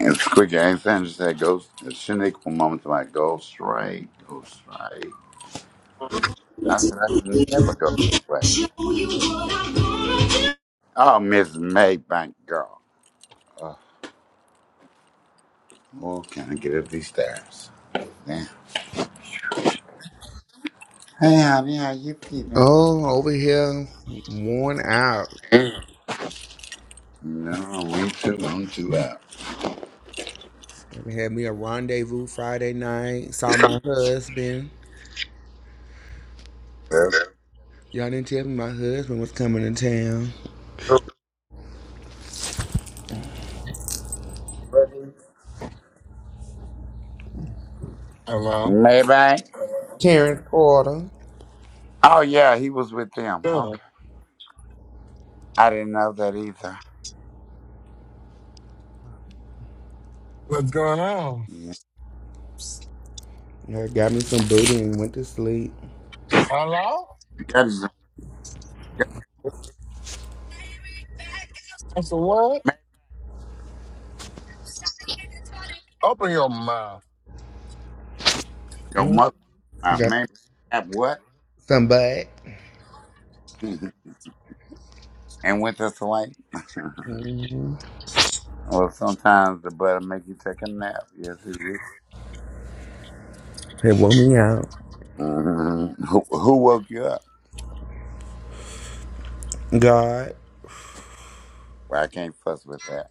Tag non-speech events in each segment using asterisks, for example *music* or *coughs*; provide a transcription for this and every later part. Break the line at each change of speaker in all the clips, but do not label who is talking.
It's quick. Anything just that goes, the cynical moment, like, go straight, go straight. I said, I can never go that way. Oh, Miss Maybank girl. Oh, can I get up these stairs? Yeah. Hey, honey, how you feeling?
Oh, over here, worn out.
No, we too, long, too out.
Had me a rendezvous Friday night. Saw my husband.
Well,
Y'all didn't tell me my husband was coming to town.
Hello.
Maybank?
Terrence Porter.
Oh, yeah, he was with them.
Yeah.
Okay. I didn't know that either.
What's going on?
Yeah.
I got me some booty and went to sleep.
Hello?
That is
That's a what?
maybe
Open your mouth.
your
Mhm.
mother. Uh,
Got
maybe that what?
some butt.
*laughs* and went this way? *laughs*
Mm-hmm.
Well, sometimes the butter make you take a nap. Yes, it would.
It woke me out.
Mhm. Who, who woke you up?
God.
Well, I can't fuss with that.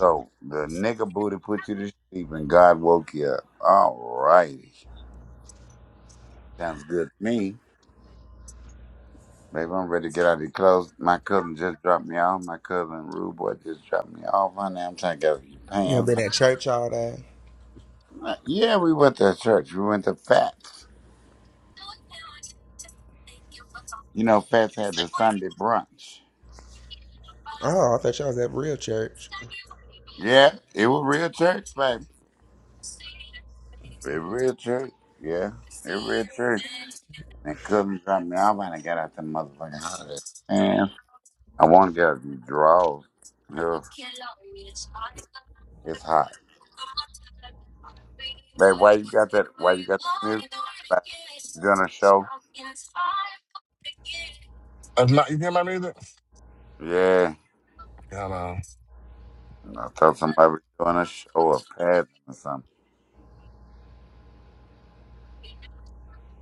So the nigga booty put you to sleep and God woke you up. All righty. Sounds good to me. Baby, I'm ready to get out of the clothes. My cousin just dropped me off. My cousin Rude Boy just dropped me off. Honey, I'm trying to get out of your
You know,
pants.
been at church all day.
Uh, Yeah, we went to church. We went to Fats. You know, Fats had the Sunday brunch.
Oh, I thought y'all was at real church.
Yeah, it was real church, baby. It real church. Yeah. It real church. They couldn't drop me off and I got out the motherfucking house. And I want to get a few draws. Ugh, It's hot. Babe, why you got that? Why you got that music? Like, doing a show?
That's my, you hear my music?
Yeah.
Hello.
I thought somebody was doing a show or padding or something.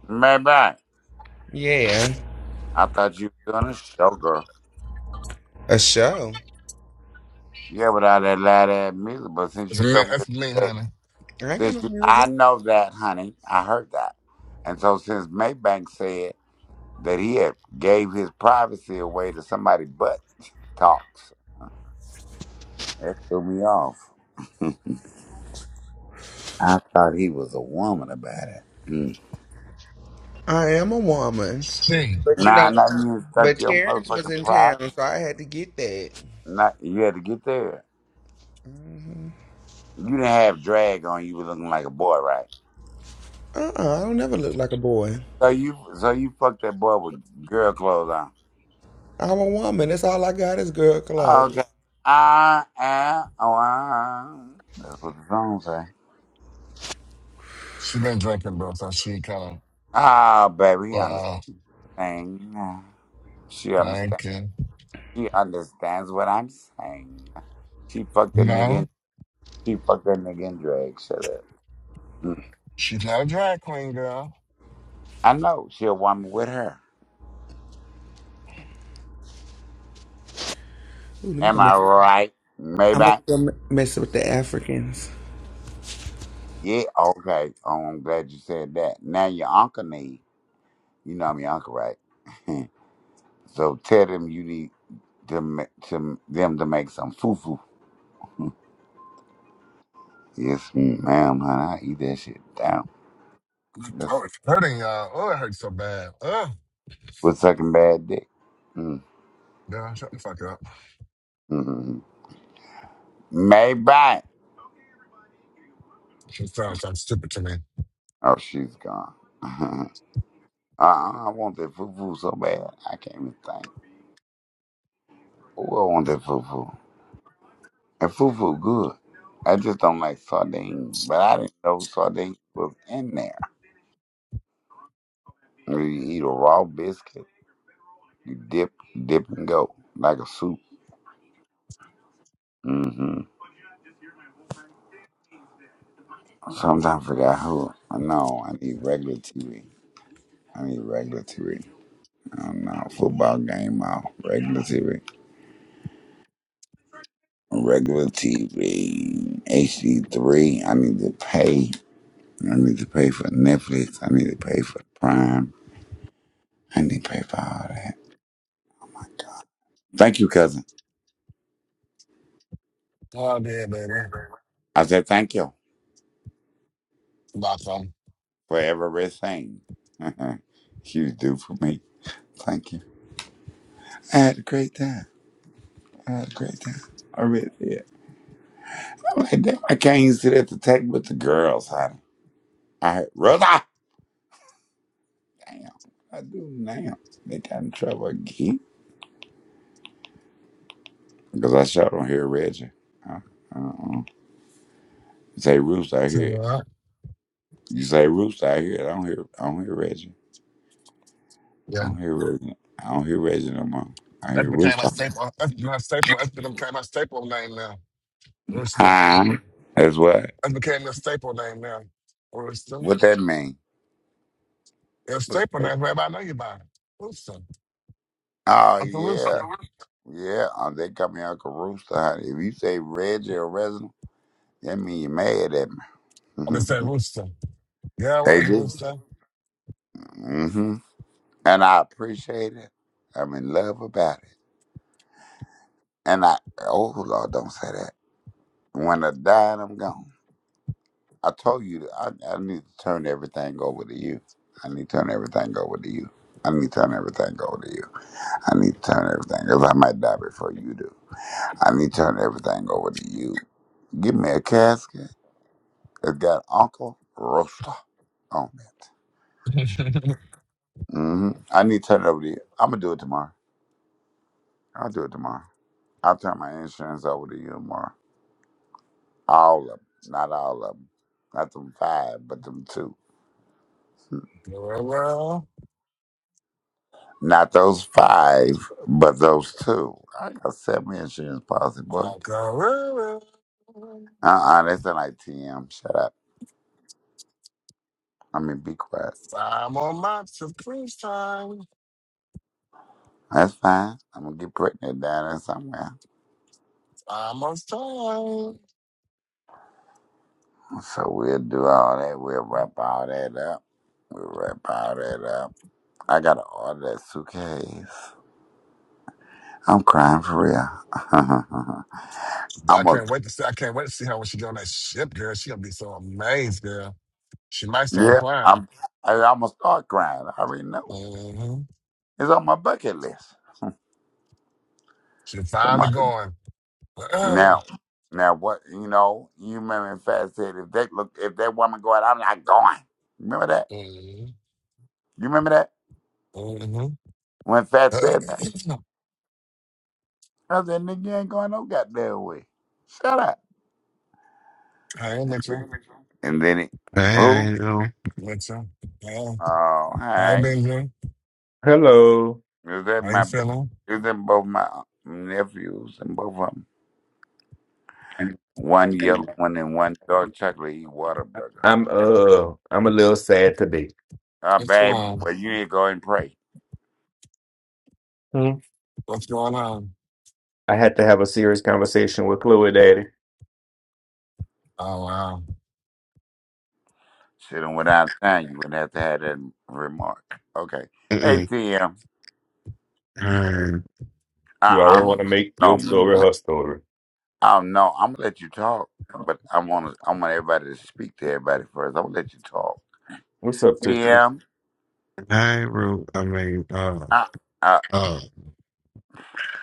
Maybe. I
Yeah.
I thought you were doing a show, girl.
A show.
Yeah, without that loud ass music. But since
It's
you
me,
told me that,
it's me,
that-
honey.
I ain't got
since
no
you, I
music.
know that, honey, I heard that. And so since Maybank said. that he had gave his privacy away to somebody but talks. That threw me off. *laughs* I thought he was a woman about it. Mm.
I am a woman.
Sting.
But you
Nah,
know,
nah, you didn't
but
your
Terrence was
motherfucking
in
pride.
town, so I had to get that.
Not you had to get there. You didn't have drag on. You were looking like a boy, right?
Uh uh I don't never look like a boy.
So you, so you fucked that boy with girl clothes
I'm a woman. That's all I got is girl
on. Okay.
clothes.
I am. Oh, ah. That's what the song say.
She been drinking, bro, so she kind
Ah, baby,
of,
he understand.
uh,
She understand.
thank you.
She understands what I'm saying. She fucked a nigga. in-
No,
She fucked a nigga in drag. Shut up. Mm.
she's not a drag queen, girl.
I know she a woman with her.
Ooh, let me go
Am I
mess.
right? Maybe.
I'm gonna
I,
go me- mess with the Africans.
yeah. Okay. Oh, I'm glad you said that. Now your uncle need. You know I'm your uncle, right? *laughs* so tell them you need to ma- to them to make some foo foo. *laughs* Yes, ma'am, honey. I eat that shit down. That's
Oh, it's hurting, y'all. Oh, it hurts so bad. Ugh.
with sucking bad dick.
Girl, shut the fuck up.
Mm-hmm. Maybe.
She sounds so stupid to me.
Oh, she's gone. *laughs* Uh, I want that fufu so bad. I can't even think. Oh, I want that fufu. And fufu good. I just don't like sardines. But I didn't know sardines was in there. You eat a raw biscuit. You dip, dip and go like a soup. hmm Sometimes I forgot who. I know I need regular TV. I need regular TV. Oh know football game off. Regular TV. Regular TV. HD three. I need to pay. I need to pay for Netflix. I need to pay for Prime. I need to pay for all that. Thank you, cousin.
Oh, yeah, baby.
I said thank you
Lots of them.
for everything *laughs* you do for me. Thank you. I had a great time. I had a great time. I really did. I'm like, damn, I can't even sit at the table with the girls, honey. I heard, Rosa! Damn. I do now. They got in trouble again. Because I shot on here, Reggie. Uh, uh-uh. say roost, I hear
So,
it.
uh,
You say roost, I hear it. I don't hear, I don't hear Reggie. I
Yeah.
don't hear Reggie. I don't hear Reggie no more. I hear
That became my
Rooster.
staple. That's my staple. That's became my staple name now. Royston.
Hi. That's what.
That became a staple name now. Royston.
What that mean?
It's a
What's
staple name.
that?
Everybody know you by it. Royston.
Oh
I'm the
yeah,
Rooster.
yeah. Oh, they call me Uncle Rooster. Honey. If you say Reggie or Resident, that mean you mad at me.
I'm going to say
*laughs*
Rooster. Yeah, I
they
was
do.
Rooster.
hmm And I appreciate it. I'm in love about it. And I oh Lord, don't say that. When I die, I'm gone. I told you that I, I need to turn everything over to you. I need to turn everything over to you. I need to turn everything over to you. I need to turn everything because I might die before you do. I need to turn everything over to you. Give me a casket. It's got Uncle Roaster on it.
*laughs*
hmm I need to turn it over to you. I'm gonna do it tomorrow. I'll do it tomorrow. I'll turn my insurance over to you tomorrow. All of them, not all of them, not them five, but them two.
Guerrero.
Not those five, but those two. I got seven insurance policy, boy.
Oh, Guerrero.
Uh-uh, that's not like TM. Shut up. I mean, be quiet.
I'm on my supreme time.
That's fine. I'm going to get pregnant down there somewhere.
I'm on time.
So we'll do all that. We'll wrap all that up. We'll wrap all that up. I got to order that suitcase. I'm crying for real. *laughs*
I
I'm going
can't
to,
wait to see. I can't wait to see her when she get on that ship, girl. She gonna be so amazed, girl. She might
yeah,
start crying.
I'm, I, I'm going to start crying. I already know.
hmm
It's on my bucket list.
She
So
finally
much.
going.
Now, now what you know? You remember Fat said if that look if that woman go out, I'm not going. Remember
*clears throat*
that?
hmm
You remember that
hmm
when
*coughs* *clears throat*
Fat said that? I said, "Nigga, you ain't going no goddamn way. Shut up."
Hi, Mitchell.
And then it,
I
who?
ain't no.
Mitchell. Yeah.
Oh,
Hi,
hey,
Benjamin.
Hello.
is that
How you
my? ba-
feeling?
Is that both my nephews and both of them? One yellow one and one dark chocolate eat water burger.
I'm uh I'm a little sad today.
Oh,
What's
babe,
wrong?
well you need to go and pray.
Hmm.
What's going on?
I had to have a serious conversation with Chloe Daddy.
Oh, wow.
Should have without time. You wouldn't have to have that remark. Okay. Hey,
Mm-mm.
ATM.
I,
Uh
You always
uh
want to make
No.
your story
mm,
her story.
Oh no. I'm gonna let you talk, but I want to. I want everybody to speak to everybody first. I'm gonna let you talk.
What's up, Tootsie?
ATM.
I, Ru- I mean, uh,
I, uh,
uh,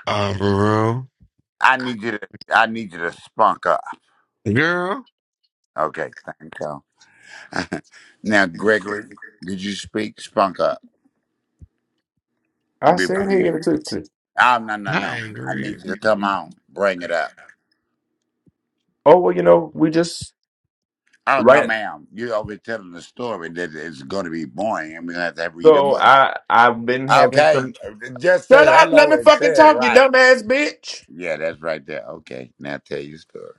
uh, Ruru.
I need you to. I need you to spunk up.
Girl,
Okay. Thank you. *laughs* now, Gregory, did you speak? Spunk up
I said
before
hey to
you.
Tootsie.
Oh no no
I
no. I
angry.
need you to come on. Bring it up.
Oh well, you know, we just
Oh no,
right
ma'am. You You're over telling a story that is going to be boring. I'm gonna have to read a
so
book.
I I've been having
Okay,
some
just say
Shut up, let
hello
me
and
fucking
say it
talk, you
right.
dumbass bitch.
Yeah, that's right there. Okay, now tell your story.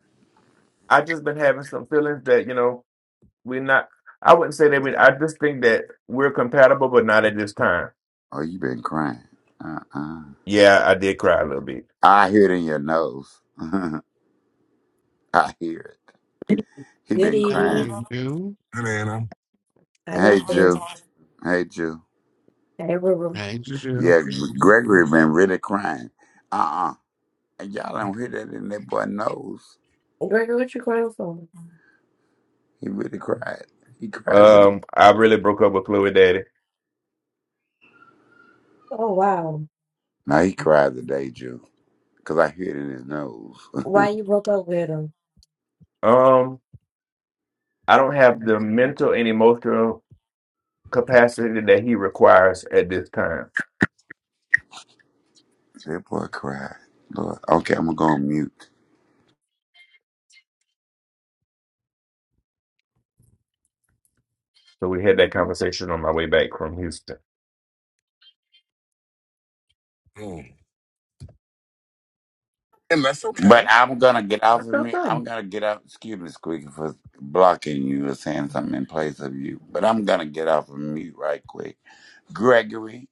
I just been having some feelings that, you know, we're not I wouldn't say that we I just think that we're compatible but not at this time.
Oh, you been crying. Uh uh
Yeah, I did cry a little bit.
I hear it in your nose. *laughs* I hear it. He
Good
been
I
evening.
crying.
ain't you.
Hey, Anna.
How
Hey,
y'all feeling?
Jew. Hey, Jew.
Hey, Ruben.
I you.
Yeah, Gregory been really crying. Uh uh And y'all don't hear that in that boy nose.
Gregory, what you crying for?
He really cried. He cried today.
Um, I really broke up with Chloe Daddy.
Oh, wow.
No, he cried today, Jew. Cause I hear it in his nose. *laughs*
Why you broke up with him?
Um, I don't have the mental and emotional capacity that he requires at this time.
That boy cried. Lord. Okay, I'm gonna go on mute.
So we had that
Mhm.
conversation on my way back from Houston.
Hmm. And that's
But
okay.
I'm gonna get off
What's
of
up,
me. I'm
problem?
gonna get off. Excuse me, Squeaky, for blocking you or saying something in place of you. But I'm gonna get off of mute right quick. Gregory,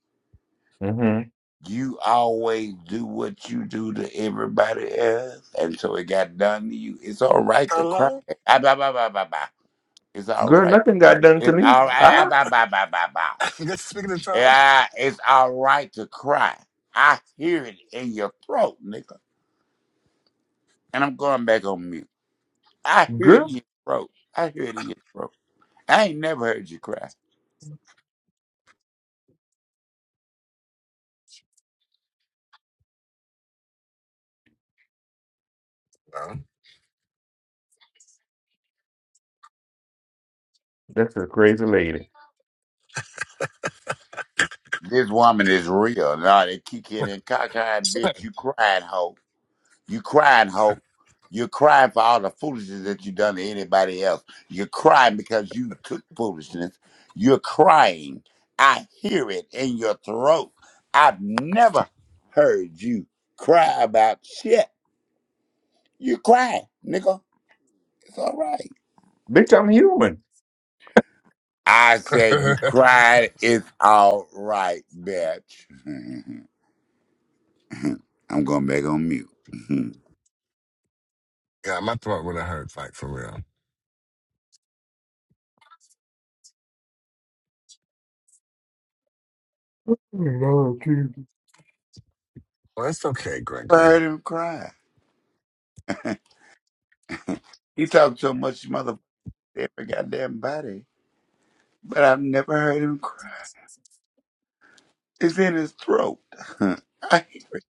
Mm-hmm.
you always do what you do to everybody else, and so it got done to you. It's all right to cry.
Hello?
Ah, bah, bah, bah, bah, bah. It's all
Girl,
right
nothing
to cry.
got done to
It's
me.
all right. Ah,
Ah,
bah, bah, bah, bah, bah.
*laughs* You guys speaking to Charles?
Yeah, it's all right to cry. I hear it in your throat, nigga. And I'm going back on mute. I hear it in
girl,
your throat. I hear it in your throat. I ain't never heard you cry.
No.
that's a crazy lady.
This woman is real. Nah, they kicking and cockeyed bitch. You crying, hoe. You crying, Hope. You're crying for all the foolishness that you done to anybody else. You're crying because you took foolishness. You're crying. I hear it in your throat. I've never heard you cry about shit. You cry, nigga. It's all right.
Bitch, I'm human.
I
*laughs*
said you cried. It's all right, bitch. *laughs* I'm going back on mute. *laughs* I
yeah, my throat would have hurt, like, for real.
No, I'm
Well, it's okay, Gregory.
heard him cry. *laughs* He talked so much, mother every goddamn body. but I've never heard him cry. It's in his throat. *laughs* I hear it.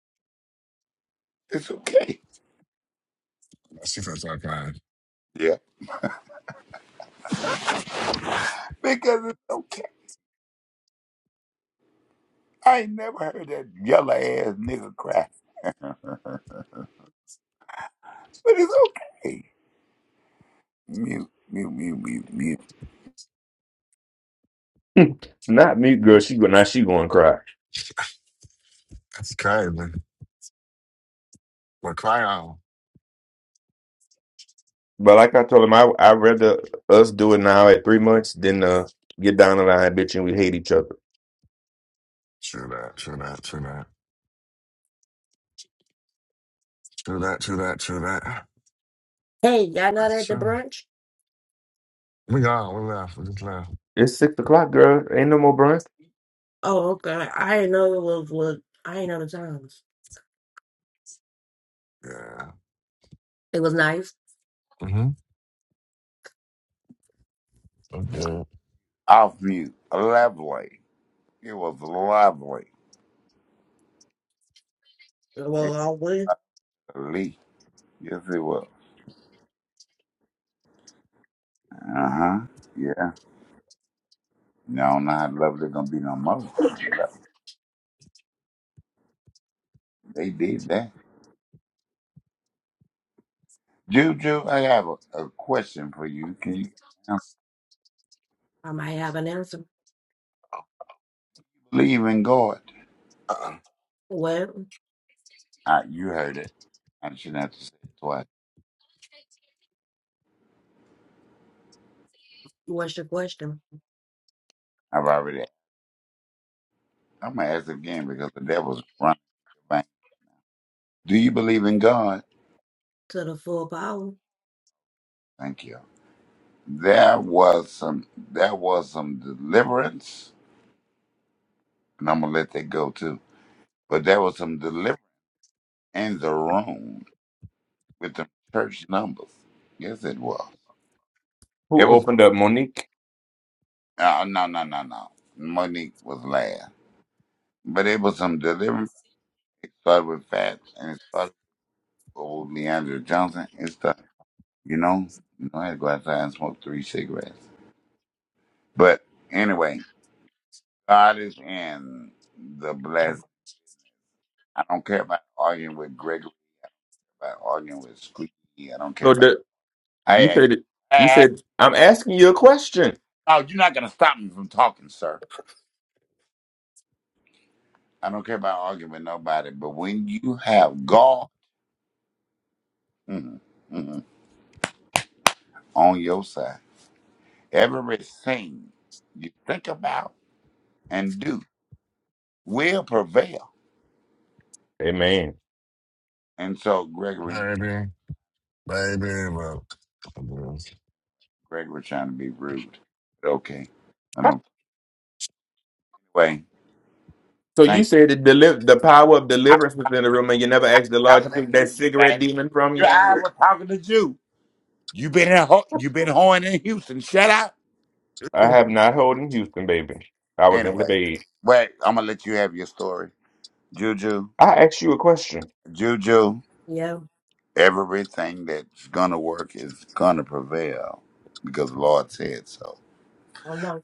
It's okay.
She feels like crying.
Yeah. Because it's okay. I ain't never heard that yellow ass nigga cry. But it's okay. Mute, mute, mute, mute, mute.
*laughs* Not me, girl. She go now. She going to cry.
That's crazy. But cry on.
But like I told him, I I rather us do it now at three months than uh get down the line, bitch, and we hate each other.
True that, true that, true that. True that, true that, true that.
Hey, y'all not at
That's
the
true.
brunch?
We gone. We left. We just left.
It's six o'clock, girl. Ain't no more brunch.
Oh, okay. I didn't know it was what I didn't know the times.
Yeah.
It was nice.
Mm-hmm. I'm good.
Off mute. Lovely. It was lovely. It
Well, I would.
was lovely. Yes, it was. Uh huh. Yeah. No, not lovely gonna be no more. They did that. Juju, I have a, a question for you. Can you
I might have an answer.
believe in God?
Uh-uh.
Well,
Uh, you heard it. I shouldn't have to say it twice.
what's your question?
I've already. I'm gonna ask again because the devil's running. Right. Do you believe in God?
To the full power.
Thank you. There was some. There was some deliverance, and I'm gonna let that go too. But there was some deliverance in the room with the church numbers. Yes, it was.
Who
It was.
opened up Monique?
Uh, no, no, no, no. Monique was last, but it was some deliverance. It started with fats and it started with Leandra Johnson. It started. You know, you know, I had a glass of wine and smoked three cigarettes. But anyway, God is in the blessed. I don't care about arguing with Gregory, about arguing with Squeaky. I don't care
So
about.
the
Hey,
you
hey,
said
hey,
you
hey.
said I'm asking you a question.
no, you're not gonna stop me from talking, sir. I don't care about arguing with nobody. But when you have God mm, mm, on your side, everything you think about and do will prevail.
Amen.
And so, Gregory,
Baby, baby, bro. I'm good.
Greg was trying to be rude. But okay. I don't. Anyway,
So you
thank you.
said the deli- the power of
I
deliverance was in the room, and you never asked the Lord
was
to
talking to
take that
Juju,
cigarette
baby.
demon from
You,
you.
I was talking to you. You been in, Ho- you been hoeing in Houston. Shut up.
I
Hmm.
have not holding Houston, baby. I was in the
Anyway,
bed.
wait. I'm gonna let you have your story, Juju.
I asked you a question.
Juju.
Yeah.
Everything that's gonna work is gonna prevail because the Lord said so.
Oh no.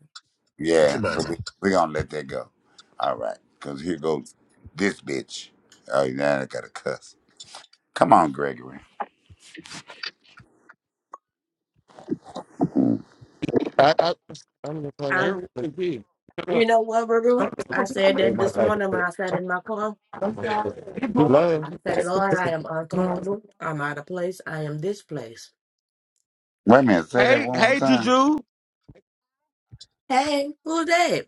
You too,
Yeah. So
baby.
we we gonna let that go. All right. Cause here goes this bitch. Oh, now I gotta cuss. Come on, Gregory.
I, I, I'm just hung
I.
You're really big. Shut
You
up.
know what, Ruben? I said
Ain't
that
my
this
type of
morning when
shit.
I sat in my car.
Hello.
I said, Lord, I am uncomfortable. I'm out of place. I am displaced.
Wait a minute, say that
Hey,
one more
hey,
time.
Juju.
Hey, who's that?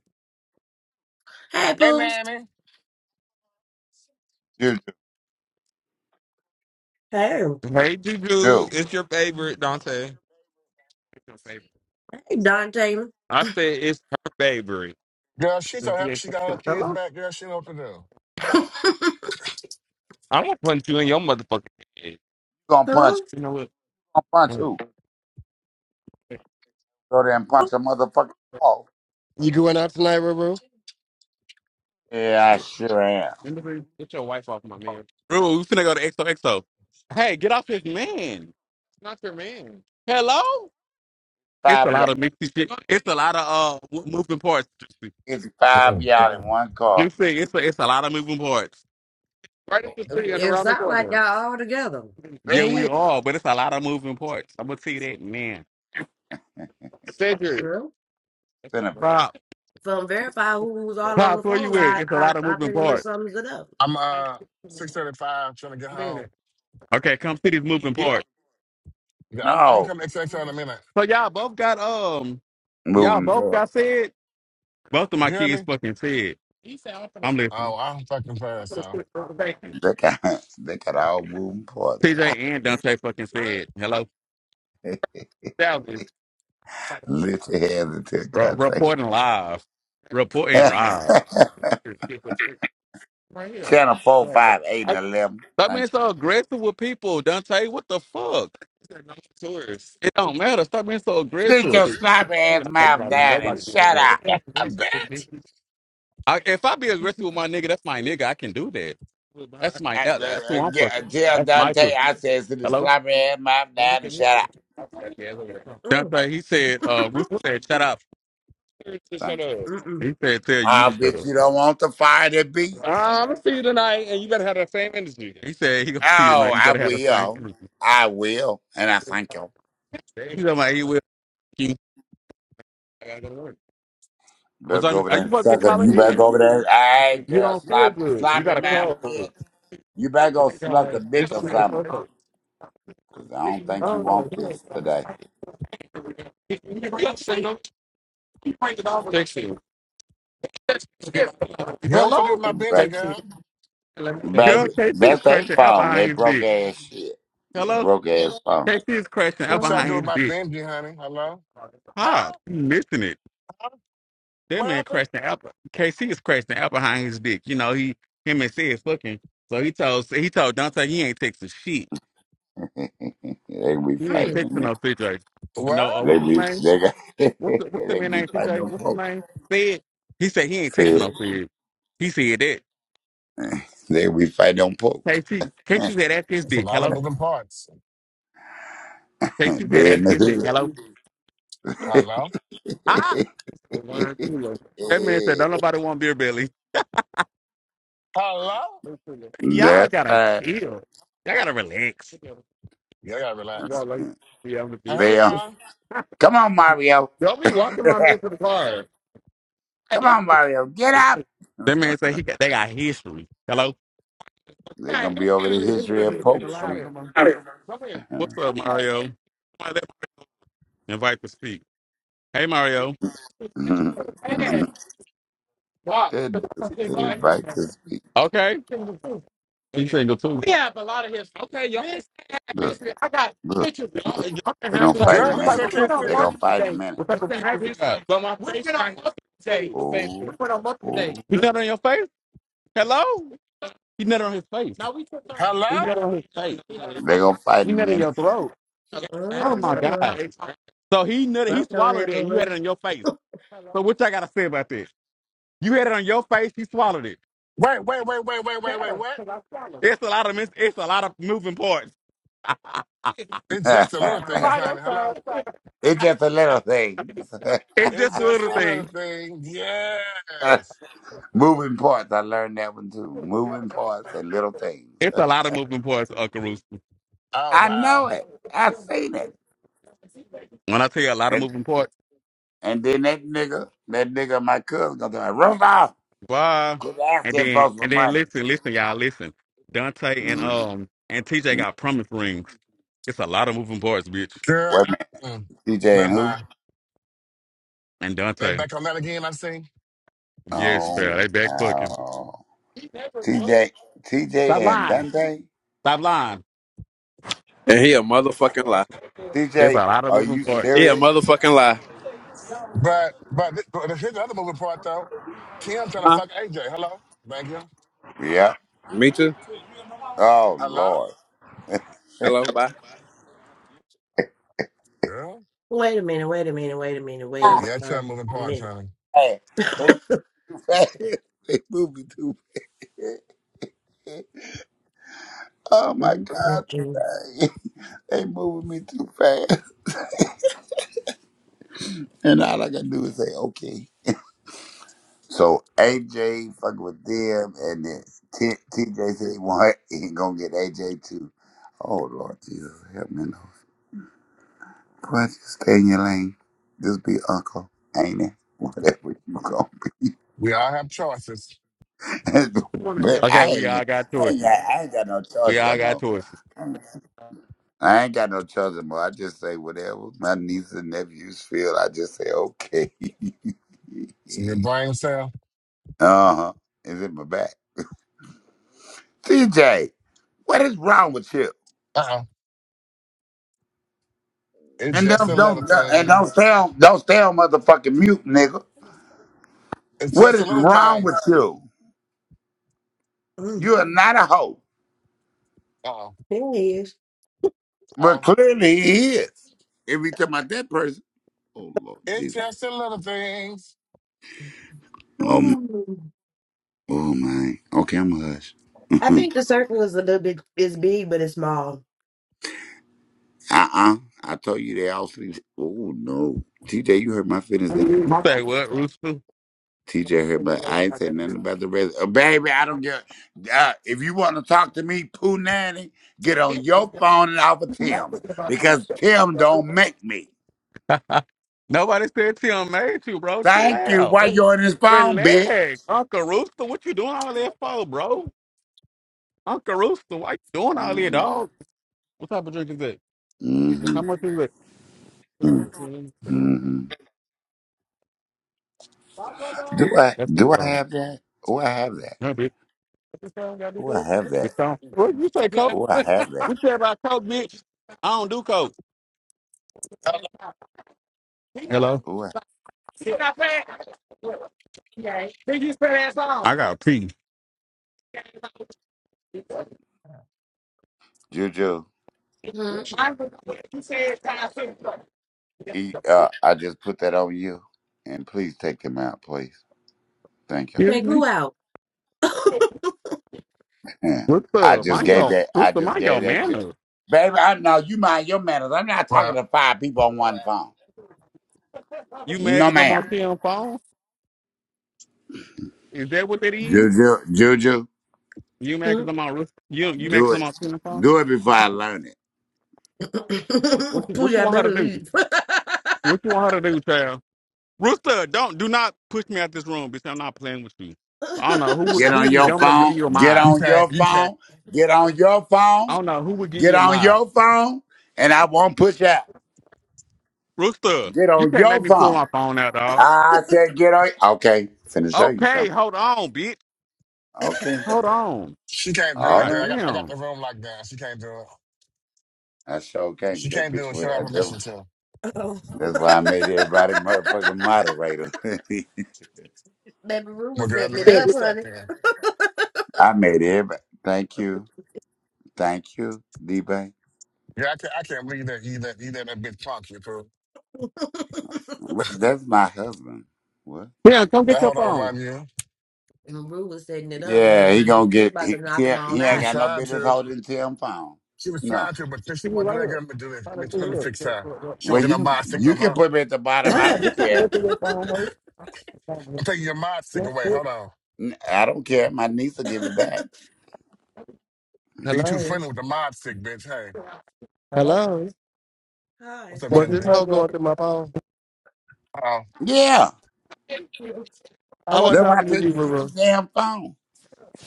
Hey, Pooh.
Juju,
Hey.
Hey,
you
Juju. It's your favorite, Dante. It's your favorite.
Hey, Dante.
I said it's her favorite.
Girl, she's so happy she got all her kids
Hello.
back. Girl, she know what to do.
*laughs*
I'm gonna punch you in your motherfucking head.
gonna
Huh?
punch? You
You know what?
gonna punch who? Go there and punch a motherfucking wall.
You going out tonight, Ruru?
Yeah, I sure am.
Remember, Get your wife off my man. Bro, we finna go to XOXO. Hey, get off his man. It's not your man. Hello? It's a
5
lot
yards,
of mixy shit. It's a lot of uh mo- moving parts.
y'all, it's five
Mm-mm.
yards in one
You
car.
see, it's a, it's a lot of moving parts. Right at the tree and
It
around the
sounds like
corner.
y'all all together.
Yeah, we
See,
are, but it's a lot of moving parts. I'm gonna tell you that, man.
You
Cedric,
know?
that's my
Finna be-
brother.
From Verify, who was
Pop,
all on the
Pop, where you
phone,
at?
I,
It's a
I,
lot of
I
moving
pretty much
parts.
sums it up.
I'm uh 635 trying to get home.
Okay, come see these moving parts.
Yeah, I'm, I'm gonna
no
come XXL in a minute.
So y'all both got um, y'all
moving
both
forward.
got said. Both of my
You hear
kids
me?
fucking said. He said I'm finna- I'm listening.
Oh, I'm fucking
I'm
fast,
finna
so.
quit for the vacation.
They got, *laughs* they got all moving parts.
TJ and Dante fucking said hello.
*laughs*
Thousands.
Lift your hands until
Re-
God thank
reporting live. Reporting live.
you.
Right
*laughs*
here.
Channel four,
Yeah.
five, eight, and
I,
eleven.
that mean,
Thank
it's
you.
all good, Dante. What the fuck? It's a nice tourist. It don't look
Sit
aggressive.
your sloppy
You're
ass
not talking
mouth
about
down
nobody
and
being
shut
aggressive.
up.
It's
*laughs* I'm
aggressive,
back.
bitch. I, if I be aggressive with my nigga, that's my nigga. I can do that. That's my.
I,
That,
uh,
that's who
uh,
I'm fucking.
yeah, tell
That's my
Dante
pussy.
I said, sit the
Hello.
sloppy ass mouth down and shut up.
Mm,
Dante, he said, uh, Rooster said, shut up. He
Thank you.
mm-mm.
said, tell you
Ah,
to shut
bitch,
up.
you don't want the fire that beats.
I'm gonna see you tonight, and you better have that same energy. He said he gonna see you
Oh,
tonight. You
I
better have the same
will.
energy.
I will. And I thank you.
He's like, he will. You. I gotta go to work. What
Better go
time?
over
Are
there
you
and
about to be
suck him.
calling
You better
in?
go over there. and- All right,
You
girl,
don't feel
sloppy,
good. You
sloppy
got a
mouth,
cold.
bitch. You better go suck a
It's
dick or
on that
something.
cold.
Because I don't think
Oh
you
no.
want
he
this
ain't-
today.
he- he- he ain't single. He pranked it off. Text him.
Girl, what y'all do
Hello?
with my Benji,
But,
KT.
girl?
Girl,
baby,
KT is
that's their
crashing out
phone. They
behind his
broke
dick.
ass shit. They
Hello?
broke ass phone.
KT is crashing out
What y'all
behind
do
Mm-hmm.
with
his
my
dick.
Benji, honey? Hello?
Pop,
Huh?
you missing it. That
What
man
happened?
crashed an apple. KC is crashing an apple behind his dick. You know, he him and said fucking. So he told so he told Dante he ain't texting shit.
*laughs* they be
He ain't
Mm-mm.
fighting
texting
me.
no CJ. I know. Uh,
What?
They
what's his
be
name?
they got *laughs*
What's the, what's the
they
man
be
name?
fighting
CJ.
on
What's his
poke.
name? Said he said he ain't texting
See,
no CJ. He said that.
they be fighting on poke.
KC
*laughs*
KC said that's his
It's a
dick.
lot of
Hello.
moving parts.
KC said
they in
that's his dick.
the
Hello.
hood.
Hello?
Ah. One, two, That man said don't nobody want beer belly.
Hello?
*laughs*
Y'all
That's
gotta
right.
chill. Y'all gotta relax.
Yeah, I gotta relax.
Yeah, I'm the
Hey,
bitch.
They
we
uh,
are.
come on Mario.
Don't be
*laughs*
walking my man to the car. I
come
have
on Mario, get
to.
up.
That man say he got, they got history. Hello, I
They're gonna
got
be over the
history. This is
history
gonna be
of
a thing
Pope
alive
Street.
from him.
*laughs* they
Come here. what's up, Mario? Why Invite to speak. Hey, Mario. Hey, Walk.
invite to speak.
Okay, single he's single too. We have a lot of history. Okay, y'all. This-
Look,
this- I got
look,
pictures. Y'all,
look.
y'all can
They're
have
gonna
pictures.
fight in
Girl,
a
I'm like,
listen
minute.
we
to
went on
They're
KC.
gonna
multiple
fight in a
days.
minute.
We went on multiple days. But my we went on multiple days.
Oh,
We went on multiple days.
oh,
You got it on your face? Hello? He nut on his face. No, we took time. He nut
Hello?
on his face.
they gonna fight
He
in a
nut in
minute.
your throat. Oh my
Mm-hmm.
god. So he nut he
That don't
swallowed it
happen.
and you had it
Lou.
on your face. So what y'all gotta say about this? You had it on your face, he swallowed it.
Wait, wait, wait, wait, wait, wait, wait, what?
It's a lot of mis- it's a lot of moving parts. *laughs* it's
It's just a little thing,
*laughs*
honey. Hello?
it's just a little thing.
It's
just a
just
little
a little
thing.
thing.
*laughs*
Yes.
Moving parts. I learned that one too. Moving parts and little things.
It's a lot of moving parts, Uncle Rooster.
*laughs*
Oh,
I know
wow.
it. I seen it.
When I tell you a lot of
And
moving parts.
and then that nigga, that nigga, my cousin, gonna tell me, Rudolph,
Why?
quit
And
asking
then
folks for
and then
money.
listen, listen, y'all, listen. Dante and
mm mm.
um and TJ
Wait
got promise rings. It's a lot of moving parts, bitch.
Girl,
a
I-
minute,
mm,
TJ
never
and who?
mind.
And
They
Dante,
back on that again, I see.
yes, fair.
Oh,
They back fucking.
wow.
He never fucked.
TJ,
Stop
and
lying.
Dante.
Stop lying.
And he a motherfucking lie.
It's a
TJ,
lot of
are
moving
you
parts.
He a
serious?
motherfucking lie.
But, but, th- but here's the other moving part, though. Kim trying to
Huh?
fuck AJ. Hello? Thank you.
Yep.
Me too.
Oh
Hello?
Lord.
Hello, bye.
Girl?
Wait a minute, wait a minute, wait a minute, wait
Yeah, that's
a
your moving part,
minute.
honey.
Hey, they too
*laughs*
fast. *laughs* they moving me too fast. Oh my
Mm,
God,
mm, mm.
today. *laughs* they moving me too fast. And all I can do is say, okay. So AJ fucking with them, and then T- TJ said he want *laughs* he gonna get AJ too. Oh Lord Jesus, help me, Lord. Boy, just stay in your lane. Just be uncle, ain't it? *laughs* Whatever you gonna be.
We all have choices.
*laughs* but I
Okay, we all
ain't,
got
I ain't
choices.
got I ain't got no
We
choice
all
no
got
more.
choices.
I ain't got no choice no more. I just say whatever my nieces and nephews feel. I just say okay. *laughs*
So your brain cell.
uh huh. Is it my back? TJ, what is wrong with you?
Uh-uh. It's
And
just
don't
a
don't
little
and don't
things.
stay on don't stay on motherfucking mute, nigga.
It's
What
just a
is
little
wrong with
things.
you?
Mm,
You are not a hoe.
Uh-oh.
There he
But
Uh-oh.
clearly he is. If we talking about that person, oh Lord
It's
Jesus.
just the little things.
is.
Oh man. Okay, I'm a hush. *laughs*
I
uh
think the circle is a little bit is big, but it's small.
uh I told you they all sleep. Oh no. TJ, you hurt my feelings then.
Say what, Rooster?
TJ hurt my I ain't say nothing about the rest. Uh, baby, I don't get uh, if you wanna talk to me, Pooh Nanny, get on your phone and off of Tim's. Because Tim don't make me.
*laughs* I- Nobody said Tim made you, bro. Chill
Thank you.
out.
Why
Re-
you on his phone, bitch?
Relax. Uncle Rooster, what you doing all that for, bro? Uncle Rooster, why you doing all that,
Mm-hmm.
dog? What type of drink is that? Look, how
Mm-hmm.
much is that? About 10, twelve.
Mm-hmm. Do I
That's too
do I
strong.
have that? Oh I have that.
Huh, bitch? Too strong, gotta be
Oh I
Coke?
have that.
It's strong. What you say, Coke?
Oh I
*laughs*
have that.
You care about Coke, bitch? I don't do Coke. Hello?
Oh I
Stop that. Yeah, did you spell that song? I got pee.
Juju.
Mhm.
Excuse
He, uh, I just put that on you, and please take him out, please. Thank you.
Take
me?
who out?
What's
*laughs* I
up?
just
Mind
gave
your
that.
what's
I
up?
just
Mind your
gave that to,
manners.
baby. I know you mind your manners. I'm not talking
Wow.
to five people on one phone.
You mad
No,
because I'm
ma'am.
on ten phone? Is that what that is?
Juju, Juju,
You mad because
Mhm.
I'm on Rus- you you mad
do
because I'm
it.
on ten phone?
Do it before I learn it.
What
*laughs*
you, what you
Pooja, I
want
better
her to do?
leave.
What you want her to do, child? Rooster, don't do not push me out this room, bitch. I'm not playing with you. I don't know who
*laughs*
would-
Get
who
on
would be
your
dumb enough to
phone.
give you a
Get
mod.
You
on
can't
your
you can't
phone. Get on your
I
phone.
don't know who would give
Get
you a
on
mod.
your phone, and I won't push out.
Rooster,
Get
you
on
can't make
your
me pull
phone.
my phone out, dog.
I said, get on. Okay, finna show you
Okay,
something.
hold on, bitch.
Okay.
Hold on.
she can't do
All
it,
God
girl. I
right.
got I got
damn.
the room locked down. She can't do it.
I sure can.
She
That
can't do
bitch
it. Show
was,
her
uh,
permission
that-
to.
oh.
that's why I made everybody motherfucking
*laughs*
moderator. *laughs*
baby Rue
Well
was
girl,
setting
let
it
me
up,
fix that
honey.
then.
I made everybody. Thank you. Thank you, D-Bay.
Yeah, I can't I can't believe that either either that bitch punk you fool.
*laughs*
What, that's my husband. What?
Yeah, come get
That
your
hold on
phone.
run you.
And Rue was setting it up,
Yeah,
baby.
he gonna
We
get,
about to
he,
knock them
Tim-
all
he
She
ain't
out.
was
got no
trying
business
to.
holding Tim Pound.
She was
No.
trying to, but since she
She was
wanna do
right
that,
here.
girl, let me do this.
Trying
Let
to
me let
Mm.
me
do
fix
this.
her. She
Well,
won't get no
you,
mod stick no
you can
more.
put me at the bottom. I
Nah,
don't
this time
care.
go to your
*laughs*
phone, hey.
I'm taking your mod stick
That's
away.
it.
Hold on.
N- I don't care. My niece will give it back.
Are you too
Hello.
friendly with the mod stick, bitch? Hey.
Hello?
Hello.
Hi.
What's up,
Was
But
this
this
Kennedy?
how
hoe
you
going through my phone.
Oh,
Yeah.
I
I
want to
wasn't
That's
talk
why I
to
talking to
told
you,
you to
you.
get your
Ruru.
damn phone.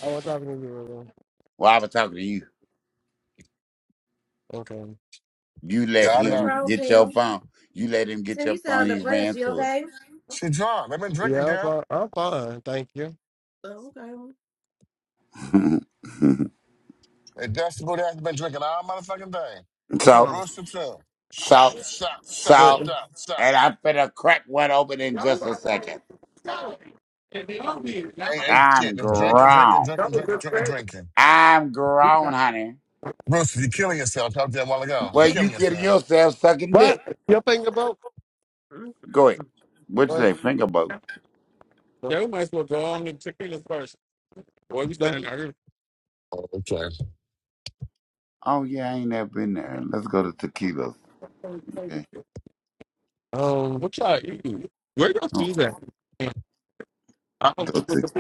I wasn't talking to you,
Well, I was talking to you.
Ruru. Okay.
You let
yeah, I
What's
know.
him
wrong,
get your
Tim?
phone. You let him get
Tim,
your
you
phone.
sound
He
depressed.
ran
You
through it.
okay?
She drunk. They've been drinking,
Yeah, I'm
girl.
fine. I'm fine. Thank you.
Oh, okay. Mm,
And that's the booty has been drinking all motherfucking day.
*laughs*
What's
so,
wrong?
Rooster too.
so,
Shots, shots, shots,
Wait.
so,
shots,
and
shots.
I'm finna crack one open in just a second.
Ain't, ain't
I'm
shit. Just drinking, drinking,
grown.
drinking, drinking, drinking, drinking.
I'm grown, honey.
Rooster, you're killing yourself. Talked to you a while ago.
Well,
You're
you
killing
kidding
yourself.
yourself sucking
What?
dick.
Your finger broke?
mm,
Go ahead.
mm.
What you
Wait.
say, finger boat?
Yeah, we might as well go on and tequila first. Boy, we standing out here.
Oh, okay.
Oh, yeah, I ain't never been there. Let's go to tequilas. Okay.
Um, what y'all eating? Where y'all
Oh,
cheese at? I don't
Go
think we
to
could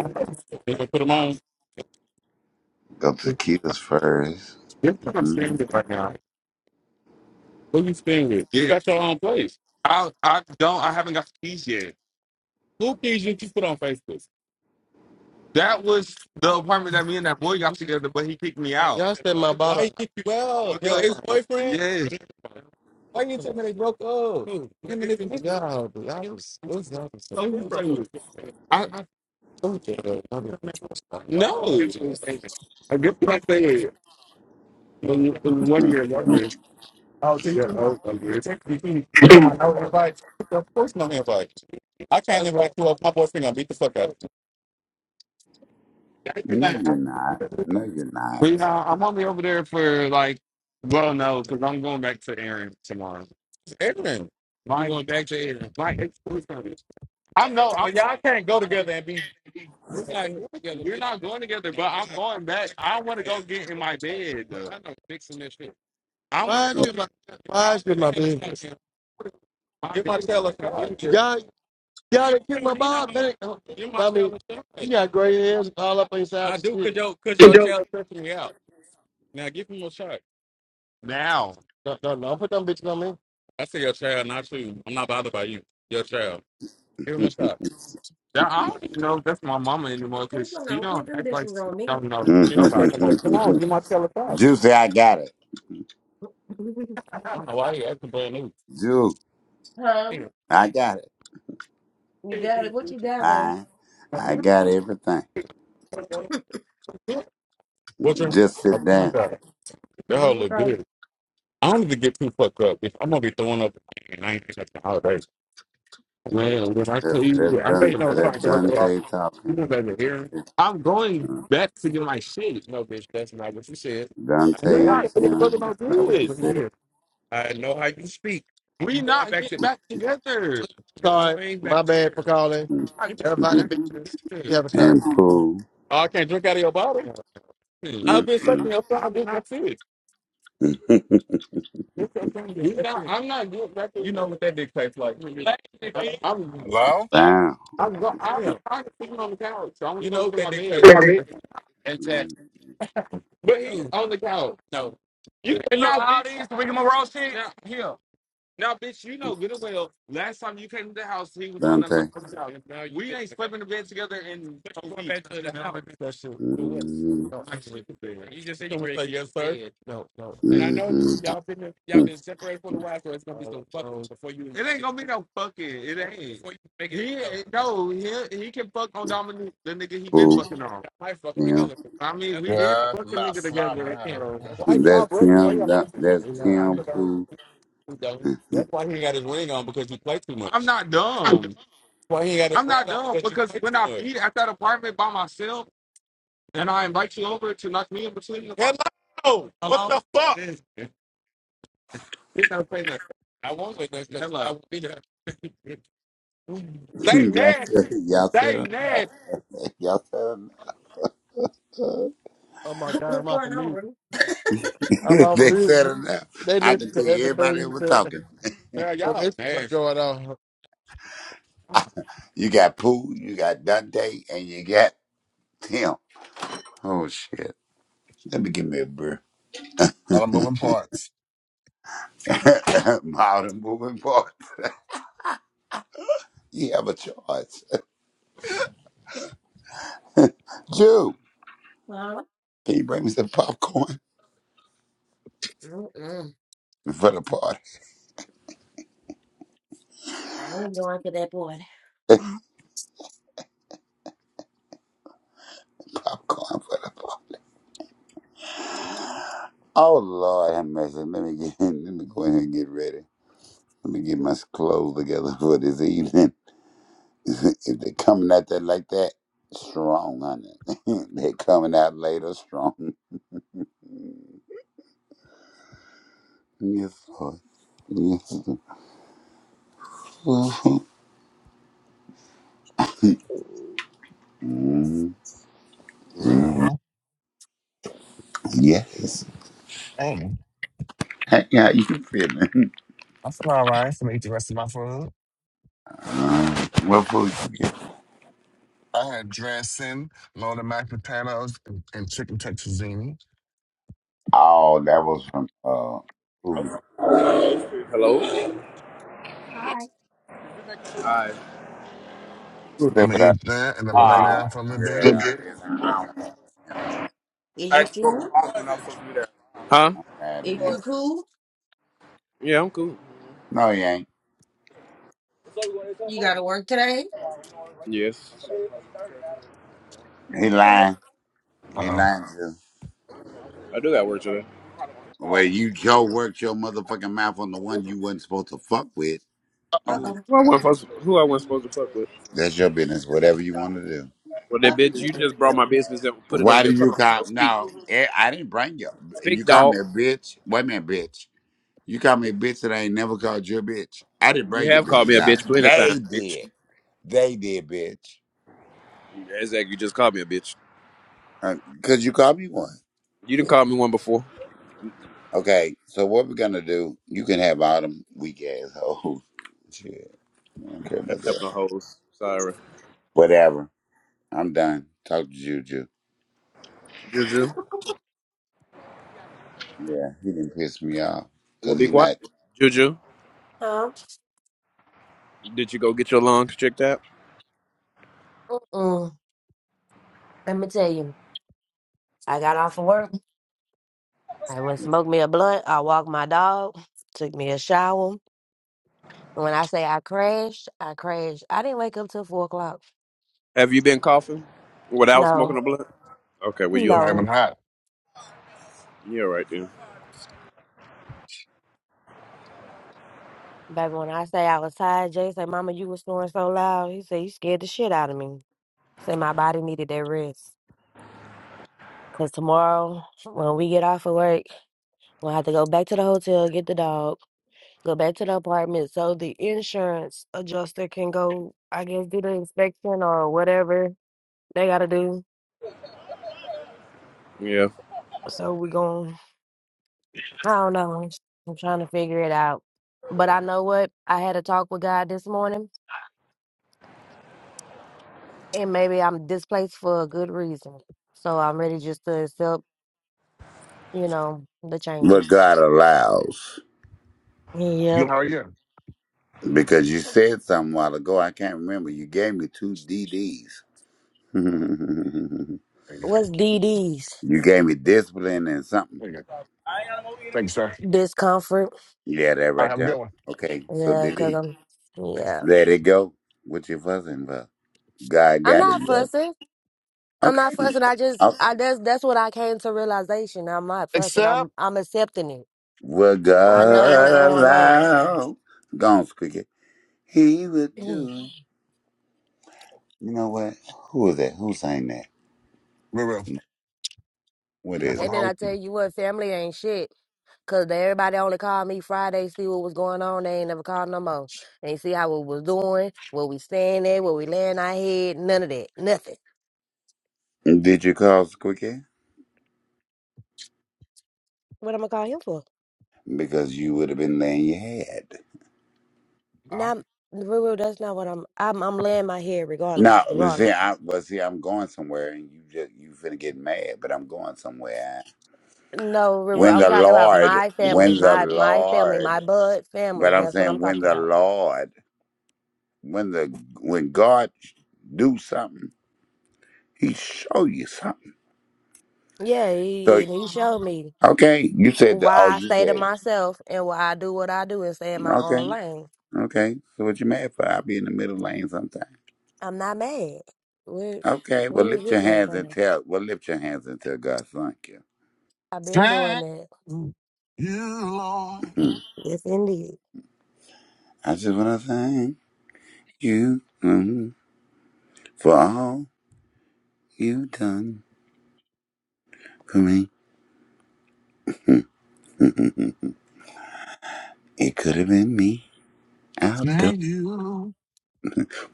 put them on.
go
This
tequilas 1st
is what I'm saying right now. Who you staying with? You Yeah. got your own place. I I don't I haven't got the keys yet. Who keys did you put on Facebook? That was the apartment that me and that boy got together, but he kicked me out. Y'all said my Why bottom. you oh, your Yo, ex boyfriend? Yes. why you talk up? Him and his bitch so so different. I I told you. uh, no. I get what I'm saying when you- when one of your lovers. Oh, to your old lovers. He's talking
*clears throat*
about no invite. Of course, no invite. I can't invite you up. My boyfriend gonna beat the fuck out. of you.
*laughs* No, you're not. No, you're
We, uh, I'm only over there for like, well, no, because I'm going back to Aaron tomorrow. Aaron. I'm going back to Aaron. my exclusive. I know. i y'all can't go together and be we not going together, We're not going together, but I'm going back. I want to go get in my bed though. I know fixing this shit. I Why want
not.
is to Mind go you, get my mind you, my business. Get my bed. Y'all, y'all done kick my mom, man. Get my I mean, teller you got gray hairs all up on your side I and do. shit. Could street. your could your channel cuss me out? Now give him a shot. Now. No, no, no. Don't put them bitches on me. I say your child, not you. I'm not bothered by you. Your child. Give him a
*laughs*
shot. That- I don't even know if that's my mama anymore
Tim,
because
come
she
on, put
don't
them
act like
dishes
she
on me.
don't know
Juicy,
shit Don't about fuck him Come on, give my child a shot.
I got it.
*laughs*
I don't know why he acting brand new.
Ju,
Huh?
I got it.
You got it. What you got, bro?
I, I got everything.
Okay.
What you?
Just sit down.
that that hoe look
*laughs*
good. I don't need to get too fucked up. If I'm gonna be throwing up, and I ain't getting nothing all day. Man, when I
That,
tell
that,
you, I I'm think
Dun,
you know what
that
I'm talking about.
Dante talking.
here.
It's,
I'm going
uh,
back to get my shit. No, bitch, that's not what you said. We're
Dante and
not together, brother.
Tim.
No
That's not what
good.
you said.
I know how you speak. We not back to back together. We Sorry, ain't back. my bad. Colin. I You Everybody been
*laughs* Mm, mhm.
together.
and Pooh.
Oh, I can't drink out of your bottle. Hmm. I've been sucking
Mm-mm.
your thumb. I did not see it.
*laughs*
This your friend is not, I'm not good back there. You know what that dick tastes like. I'm, I'm,
Hello?
wow.
I'm, go, I'm Yeah. tired of sitting on the couch. I want You know what to that my bed. like. Exactly.
Mm,
But he's No, on the couch. no. You You know cannot all be these Wiggum Ross shit? now. Here. Now, bitch, you know good and well. Last time you came to the house, he was on that
Dante.
motherfucking couch. Now you We ain't slept in the bed together in a week. back to the Now house. that shit. But what?
mm
No, actually, it's bad. You just said you gonna say yes, sir. fed. No, no. And I know you
mhm.
y'all been y'all been separated for a while, so it's gonna be uh, some fucking no. before you It ain't gonna be no fucking. It ain't. before you make it He ain't- no. He he can fuck on Dominique, the nigga he been
Pooh.
fucking on. I might fuck them
Tim.
together. I mean, That's we what you did like.
Yeah,
fuck the nigga
mouth
But together. I
slobbering, honey.
can't. So
*sighs*
That's Why y'all
That's
brothers? Why
Tim.
y'all
That-
fighting?
That's Tim
yeah.
Pooh.
He dumb.
Mm-hmm.
That's why he ain't got his ring on because he played too much. I'm not dumb. That's why he ain't got his I'm crown not ring on dumb because he because played when too I much. eat at that apartment by myself and I invite you over to knock me in between the box, Hello, what hello, the fuck? then we gotta nothing. I won't say nothing because I won't be there. They
Y'all said,
nasty.
y'all said
They
enough.
nasty.
*laughs* Y'all said enough.
Oh my god,
What's
I'm off of
going on,
mute.
bro?
I'm
*laughs*
off
they
mute.
said enough.
They
I
listen
can
to
tell you
everything
everybody that
you
was
said
talking.
Man, y'all Instagram. nasty.
You got Pooh, you got Dante, and you got Tim. Oh shit. Let me give me a beer.
All the moving parts.
*laughs* Mild and moving part. You have a choice. Jew,
Huh?
can you bring me some popcorn
Mm-mm.
for the party?
I ain't going to that boy.
*laughs* popcorn for the party. Oh Lord have mercy. Let me get *laughs* let me go in here and get ready. Let me get my clothes together for this evening. *laughs* if they're coming at that like that, strong, honey. *laughs* they're coming out later strong. *laughs* Yes, Lord. Yes. mm mm.
Well,
Yes.
hey,
Hey, yeah, how you feeling?
I feel all right. I'm going to eat the rest of my food.
Uh, what food you get?
I had dressing, loaded mashed potatoes, and, and chicken tetrazzini.
Oh, that was from uh, food.
Hello.
Hi,
Alright.
Who
I'm
that with
gonna
that?
eat that, and I'm gonna lay
PJ.
Ah,
down for a little
yeah.
bit.
It's an hour. And I'm
I
Is
had
you
to go to
cool?
work and I'll fuck you there. Huh?
mad at
If
him.
you cool,
Yeah, I'm cool.
No, he ain't.
you got to work today.
Yes.
He
Okay.
lying.
Uh
He
oh.
lying too.
I do got work today.
Well, you Joe worked your motherfucking mouth on the one you wasn't supposed to fuck with.
Uh oh.
Uh-oh.
Who I wasn't supposed to, who I wasn't supposed to fuck with.
That's your business. Whatever you want to do.
Well that bitch, you just brought my business and put it
Why
on your
did you
tongue. So
call?
speak.
No, eh, I didn't bring you. You
Speak
call me
dog.
a bitch. Wait a minute, bitch. You call me a bitch that I ain't never called you a bitch. I didn't
You
bring your
have called me
business
a
out.
bitch plenty of times,
They
bitch.
did. They did, bitch.
Exactly, you just called me a bitch.
Because you called me one.
You didn't call me one before.
Okay, so what we're going to do, you can have all them weak assholes. *laughs* Shit, I don't care
I
about
don't have
that.
no hoes. Sorry.
Whatever. I'm done. Talk to Juju.
Juju.
Yeah, he didn't piss me off.
Well
Because
be
he
quiet.
not.
Juju,
Uh-oh.
did you go get your lungs checked out?
Mm-mm. Let me tell you, I got off of work. I went and smoked me a blunt. I walked my dog. Took me a shower. When I say I crashed, I crashed. I didn't wake up till four o'clock.
Have you been coughing without smoking
No,
a blunt? Okay, well
It's
you
not
okay?
no.
even hot.
Yeah, right then.
Baby, when I say I was tired, Jay said, Mama, you was snoring so loud. He said, You scared the shit out of me. Said my body needed that rest. Cause tomorrow, when we get off of work, we'll have to go back to the hotel, get the dog, go back to the apartment so the insurance adjuster can go, I guess, do the inspection or whatever they gotta do.
Yeah.
So we going I don't know. I'm trying to figure it out. But I know what? I had a talk with God this morning and maybe I'm displaced for a good reason. So I'm ready just to accept you know, the
What
changes.
God allows.
You
Yep.
how are you?
Because you said something a while ago, I can't remember. You gave me two DDs. *laughs*
There you go.
What's DD's?
you gave me discipline and something.
There you go. Thank you, sir.
Discomfort.
Yeah, that
All right,
right
have a
there.
good one.
Okay, so
Yeah,
D
cause
D.
I'm, yeah.
let it go. What you fussing about? God
I'm
got
not
it, yo.
fussing. I'm
Okay.
not fussing. I just,
oh,
I that's that's what I came to realization. I'm not fussing. I'm
Except
I'm accepting it.
will well,
what
I know
God
what's
God
going
allows.
on.
allow. Go on, Squeaky. He would
*clears throat*
do. You know what? Who is that? Who sang that?
Real, real.
What
Not
is
for the
And
it?
then I
whole.
tell you what, family ain't shit. Cause they, everybody only called me Friday, see what was going on. They ain't never called no more. They see how we was doing, what we staying at, where we laying our head, none of that, nothing.
Did you call Squeaky?
What am I call him for?
Because you would have been laying your head.
Uh,
Not Ruru, that's not what I'm I'm I'm laying my head
No,
regardless.
but
Regardless.
see, I but see, I'm going somewhere, and you just you finna get mad. But I'm going somewhere.
No, Ruru,
When
I'm
the
talking about
Lord,
my family,
when the
my my family,
Lord,
my blood
but
family.
I'm
That's what I'm
saying when
talking
the
about.
Lord, when the when God do something, He show you something.
Yeah,
So
he and he showed me
okay, you said the oh,
why I
you
stay to
said
myself and why I do what I do and stay in my
okay,
own lane.
okay. So what you mad for? I'll be in the middle lane sometime.
I'm not mad. Where
Okay,
where
well
you
lift your
getting that
hands and
from?
tell. Well lift your hands and tell God thank you.
I've been doing
thank
that.
you, Lord.
*clears throat*
Yes, indeed.
I just wanna thank You. hmm. for all you done for me. It could have been me out there
Thank you.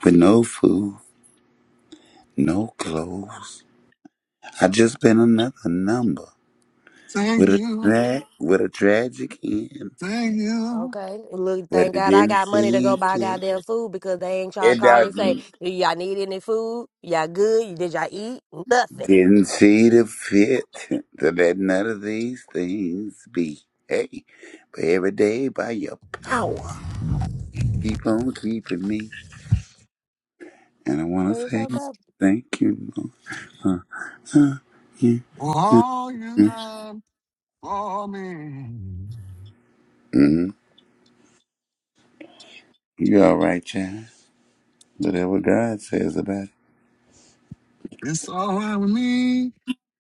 with no food, no clothes. I just been another number
Thank
with a
you.
tra- with a tragic end,
Thank you
Okay. Look,
but
thank
it
God I
didn't
got money to go
see
buy
fit.
goddamn food because they ain't trying to
It
call and say,
doesn't.
Do y'all need any food? Y'all good? Did y'all eat? Nothing.
Didn't see the fit to let none of these things be. Hey, but every day by your power, keep on keeping me. And I want to
Or it's
say
okay.
thank you, Lord. Uh, uh, yeah.
for all you've done for me.
Mm-hmm. You all right, child? Whatever God says about
It's all right with me.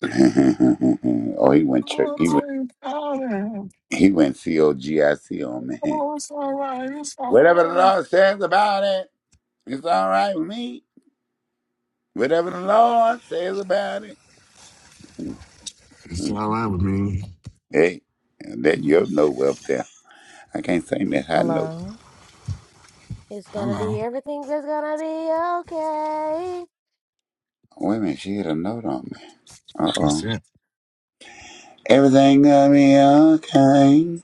it. *laughs* oh, he went church. He went.
Altar powder.
He went C O G I C on man.
Oh, it's all right. It's all
Whatever the
right.
Lord says about it, it's all right with me. Whatever the Lord says about it.
It's
Mm.
all right with me.
Hey, that your note up there. I can't sing that high note.
Hello.
It's gonna
Hello.
be everything is gonna be okay.
Wait a minute, she hit a note on me. Uh
What's
oh.
it?
Everything gonna be okay.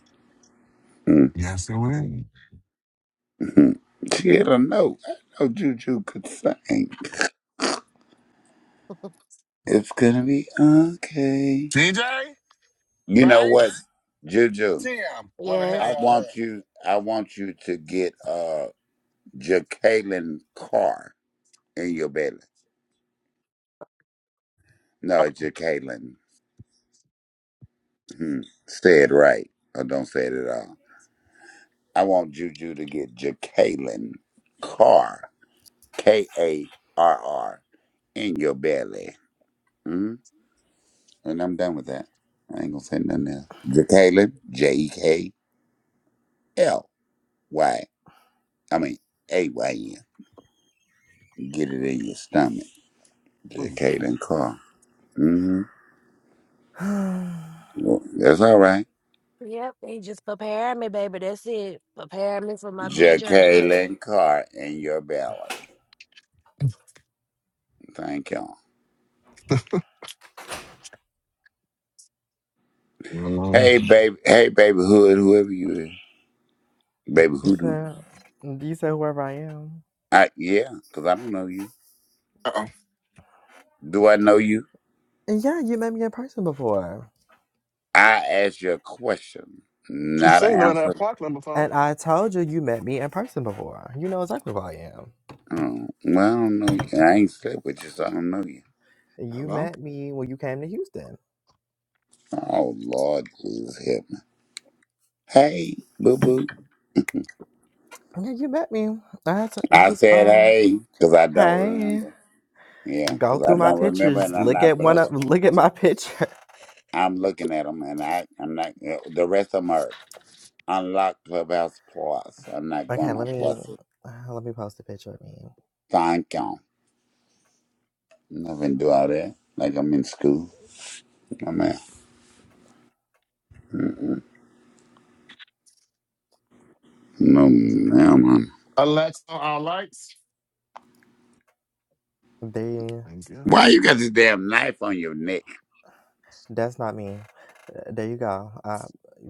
Yes, it win.
Mm-hmm. *laughs* She hit a note. I know Juju could sing. It's gonna be okay.
DJ,
You know what,
Banks,
Juju?
Tim. Where the hell
I
Yes.
y'all
want
at?
you. I want you to get uh Jacqueline Carr in your belly. No, Jacqueline. Hmm. Say it right, or don't say it at all. I want Juju to get Jacqueline Carr, K A R R, in your belly. hmm And I'm done with that. I ain't gonna say nothing else. Jacqueline, J E K L Y. I mean A Y N. Get it in your stomach.
Mm,
Jacqueline Carr. Mm-hmm.
*sighs* so,
Well, that's all right.
Yep. They just preparing me, baby. That's it. Preparing me for my big journey.
Jacqueline Carr in your belly. Thank you. all
Hello.
Hey, baby. Hey, baby hood, whoever you is. Baby hoodoo.
do you say whoever I am?
I, yeah, because I don't know you.
Uh-oh.
Do I know you?
And yeah, you met me in person before.
I asked you a question,
She's
not an
saying about that
answer.
park number phone.
And I told you you met me in person before. You know exactly who I am.
Oh, well, I don't know you. I ain't slept with you, so I don't know you.
You
Hello.
met me when you came to Houston.
Oh, Lord Jesus, help me. Hey, boo boo.
Yeah, you met me. I had to, you
I
was
said
um.
hey, because I don't
Hey,
remember. Yeah,
go
because I
through my
don't remember,
pictures.
and I'm
Look
not
at
gonna.
one of look at my picture. *laughs*
I'm looking at them, and I, I'm not. eh, The rest of them are unlocked clubhouse plus. I'm not
Okay,
going on
let me
plus.
*sighs* uh, let me post a picture of me.
Thank you. I'm not gonna do all that. Like I'm in school. I'm out. Mm-mm. No, now, man.
Alexa on all lights.
There.
Thank you.
Why you got this damn knife on your neck?
That's not me. Uh, There you go. Uh,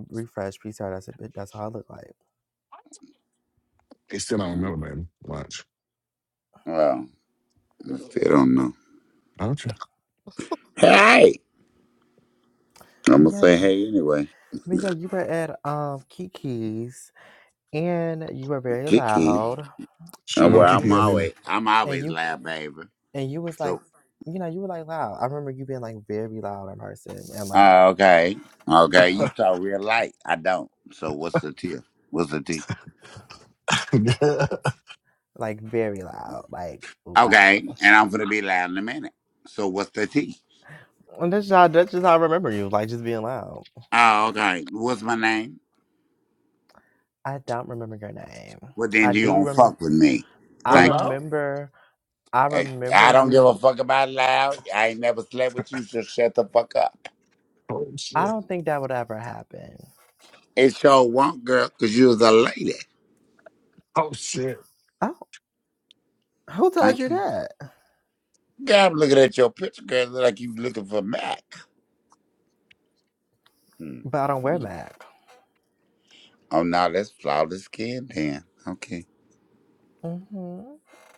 refresh, restart. That's it. That's how I look like.
It's still on
Mm,
another baby. Watch.
Well, I still don't know.
Don't you?
Hey, I'm
But
gonna
yeah,
say hey anyway.
but yeah, you were at um Kiki's, and you were very
Kiki.
loud,
She
Uh,
don't know
and
well,
you
I'm
Kiki yet
was
always,
either.
I'm
and
always
you
loud, baby.
and you was
So
like, you know, you were like loud. I remember you being like very loud in person, and like
Uh, okay. Okay.
yeah,
You talk real light. I don't. So what's the tea? What's the tea?
*laughs*
like very loud, like loud.
Okay. And I'm going to be loud in a minute. So what's the tea?
And that's how that's just how I remember you, like just being loud.
Oh, okay. What's my name?
I don't remember your name.
Well, then
I
you
do
don't
remember.
fuck with me.
I
Thank you.
Hello?
remember. I
Eh,
remember
I don't give a
you.
fuck about loud. I ain't never slept with you, so shut the fuck up.
Oh,
I
shit.
don't think that would ever happen.
It sure won't, girl, because you was a lady.
Oh, shit.
Oh, who told
Thank
you
you.
that?
God, I'm looking at your picture, girl. Look like you looking for Mac. Hmm.
But I don't wear
Hmm.
Mac.
Oh, no, that's flawless skin, then. Okay.
Mm-hmm.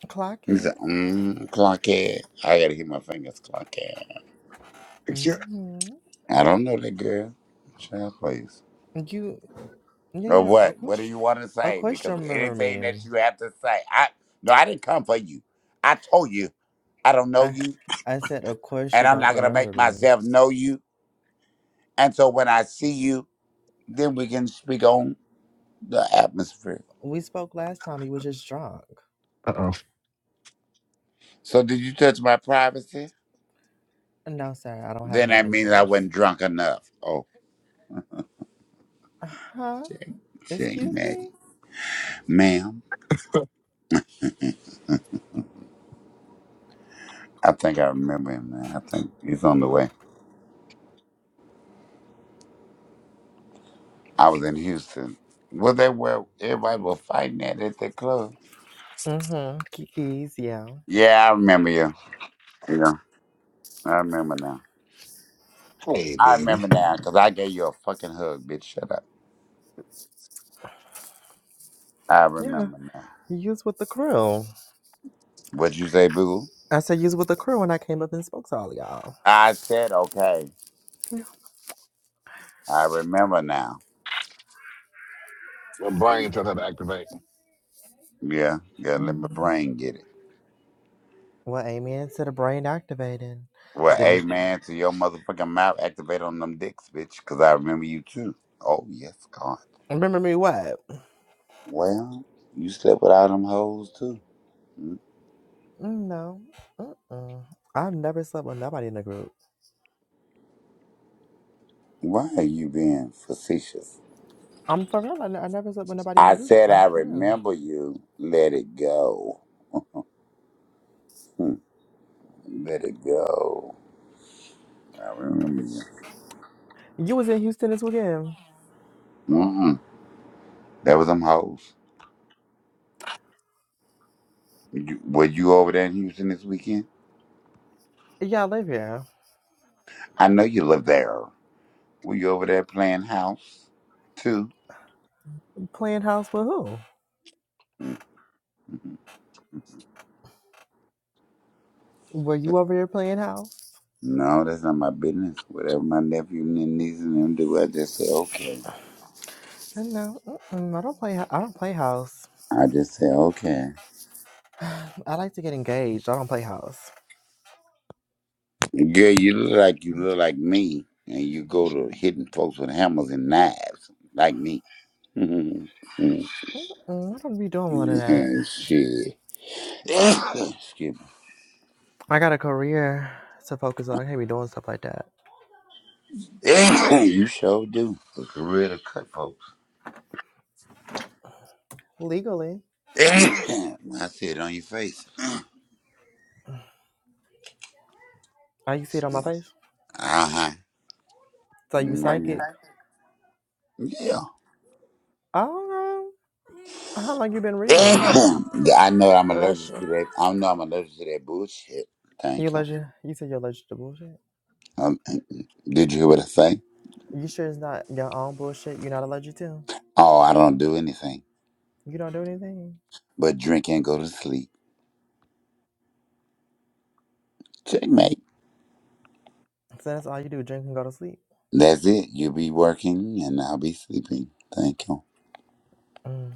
Clock
He said,
it.
mm, Clockhead. I gotta hit my fingers, Clockhead.
Yeah.
Mm-hmm.
I don't know that girl. Child, please.
You, yeah,
Or
you don't.
what?
Of
What do
course,
you want to
of
say?
course, you
Because
don't remember
anything
me.
that you have to say, I no, I didn't come for you. I told you I don't know
I,
you,
I said, of course you
and I'm
don't
not gonna
remember
make
me.
myself know you. And so when I see you, then we can speak on the atmosphere.
We spoke last time. You were just drunk.
Uh-oh.
So did you touch my privacy?
No, sir, I don't have
Then
no
that means I
interest.
wasn't drunk enough. Oh,
Uh Huh?
shame, shame,
Excuse
ma'am.
me.
Ma'am. I think I remember him, man. I think he's on the way. I was in Houston. Was that where everybody was fighting at at that club?
Mm-hmm. Kiki's, yeah,
Yeah, I remember you. Yeah, I remember now.
Hey,
I
baby.
remember now because I gave you a fucking hug, bitch. Shut up. I
yeah.
remember now.
You was with the crew.
What'd you say, boo?
I said you was with the crew, and I came up and spoke to all y'all.
I said okay.
Yeah.
I remember now.
My brain trying to activate.
Yeah, yeah. Let my
Mm.
brain get it.
Well, amen to the brain activating.
Well,
Uh
The
oh.
me-
amen to your motherfucking mouth. Activate on them dicks, bitch. Because I remember you too. Oh yes, God.
Remember me what?
Well, you slept with all them hoes too.
Mm, No. Mm-mm. I've never slept with nobody in the group.
Why are you being facetious?
I'm for real. I ne- I never slept with nobody in
I
the group.
said
I'm
I
for real.
remember you. Let it go. Hmm. Let it go. I remember you.
You was in Houston this weekend.
Mm-mm. That was them hoes. You, were you over there in Houston this weekend?
Yeah, I live here.
I know you live there. Were you over there playing house too?
Playing house with who?
Mhm.
Were you over here playing house?
No, that's not my business. Whatever my nephew and niece and them do, I just say okay.
Uh, No. Mm-mm. I don't play. hou- I don't play house.
I just say okay.
*sighs* I like to get engaged. I don't play house.
Girl, you look like you look like me, and you go to hitting folks with hammers and knives like me. *laughs*
Mm-mm. I don't be doing none of that.
Yeah, Shit. *coughs* Excuse me.
I got a career to focus on. I can't be doing stuff like that
*coughs* you sure do. Look real cut, folks.
legally.
*coughs* I see it on your face.
Are you see it on my face?
Uh huh.
So you psychic?
Yeah. *coughs*
Oh, how long you been reading?
Yeah, I know I'm
Bless
allergic
you.
to that. I know I'm allergic to that bullshit.
You
Thank you.
allergic? You said you're allergic to bullshit.
Um, *coughs* did you hear what I say?
You sure it's not your own bullshit? You're not allergic to?
Oh, I don't do anything.
You don't do anything.
but drink and go to sleep. Checkmate.
So that's all you do: drink and go to sleep.
That's it. You'll be working and I'll be sleeping. Thank you.
Mm,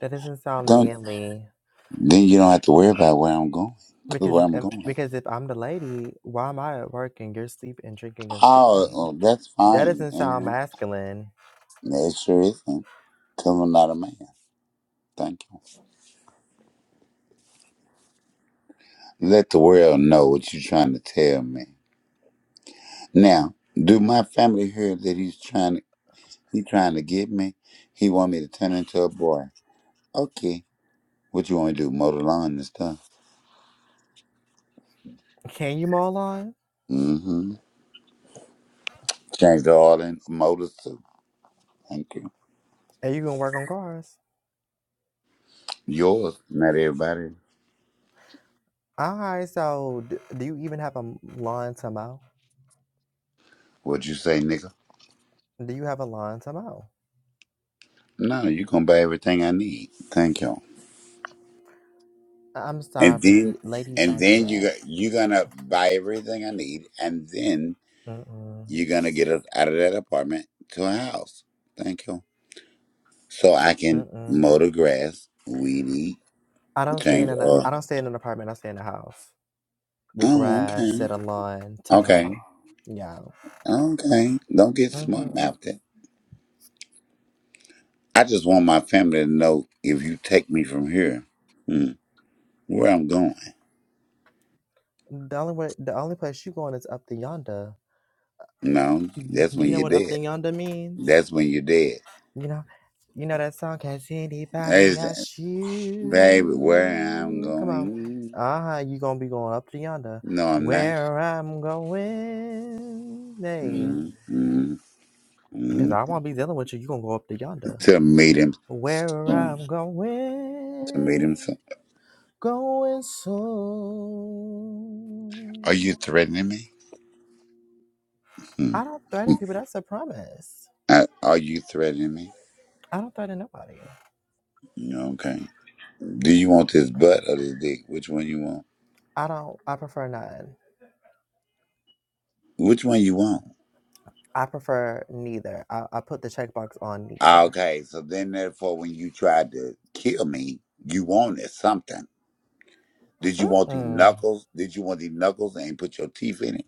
that doesn't sound
Don't
manly.
then you don't have to worry about where I'm going. 'Cause
Because
where I'm
um,
going.
because if I'm the lady, why am I at work and you're sleeping, drinking, and
Oh,
sleeping?
oh, that's
That
fine.
doesn't sound
You
masculine.
know, it sure isn't. Cause I'm not a man. Thank you. Let the world know what you're trying to tell me. Now, do my family hear that he's trying to he trying to get me? He want me to turn into a boy. Okay. What you want me to do? Mow the lawn and stuff.
Can you mow a lawn?
Mm-hmm. Changed the oil and motors too. Thank you.
And you can work on cars.
Yours, not everybody.
All right. So, d- do you even have a m- lawn to mow?
What you say, nigga?
Do you have a lawn to mow?
No, you gonna buy everything I need. Thank you.
I- I'm
And
sorry,
then,
ladies
and
don't do
then you
that.
got you gonna buy everything I need, and then
Mm mm
you're gonna get us out of that apartment to a house. Thank you. So I can
mm mm.
mow the grass, weed eat,
I don't stay in
change
an I
oil.
don't stay in an apartment. I stay in a house. with
Oh,
grass,
okay,
set a lawn,
okay,
tomorrow. Y'all.
okay. Don't get smart
Mm-hmm.
mouthed. I just want my family to know if you take me from here. Hmm. where I'm going.
The only way, the only place you going is up the yonder.
No, that's
Do you
when
know
you're
what up the
dead.
yonder means?
That's when you're dead.
You know, you know that song. Has anybody
It's,
asked
baby, where I'm
you? Come on.
going.
Ah, you gonna be going up to yonder,
No, I'm not.
where I'm going, hey.
mm mm
Cause
mm.
I won't be dealing with you. You gonna go up to yonder,
To meet him
where
soon.
I'm
To meet him
going.
soon.
going
Are
soon.
you threatening me? Hmm.
I don't threaten people. That's a promise.
Uh, Are you threatening me?
I don't threaten nobody.
No, Okay. Do you want this butt or this dick? Which one you want?
I don't. I prefer none.
Which one you want?
I prefer neither. I, I put the checkbox on neither.
Okay, so then therefore when you tried to kill me, you wanted something. Did you want these
Mm,
knuckles? Did you want these knuckles and put your teeth in it?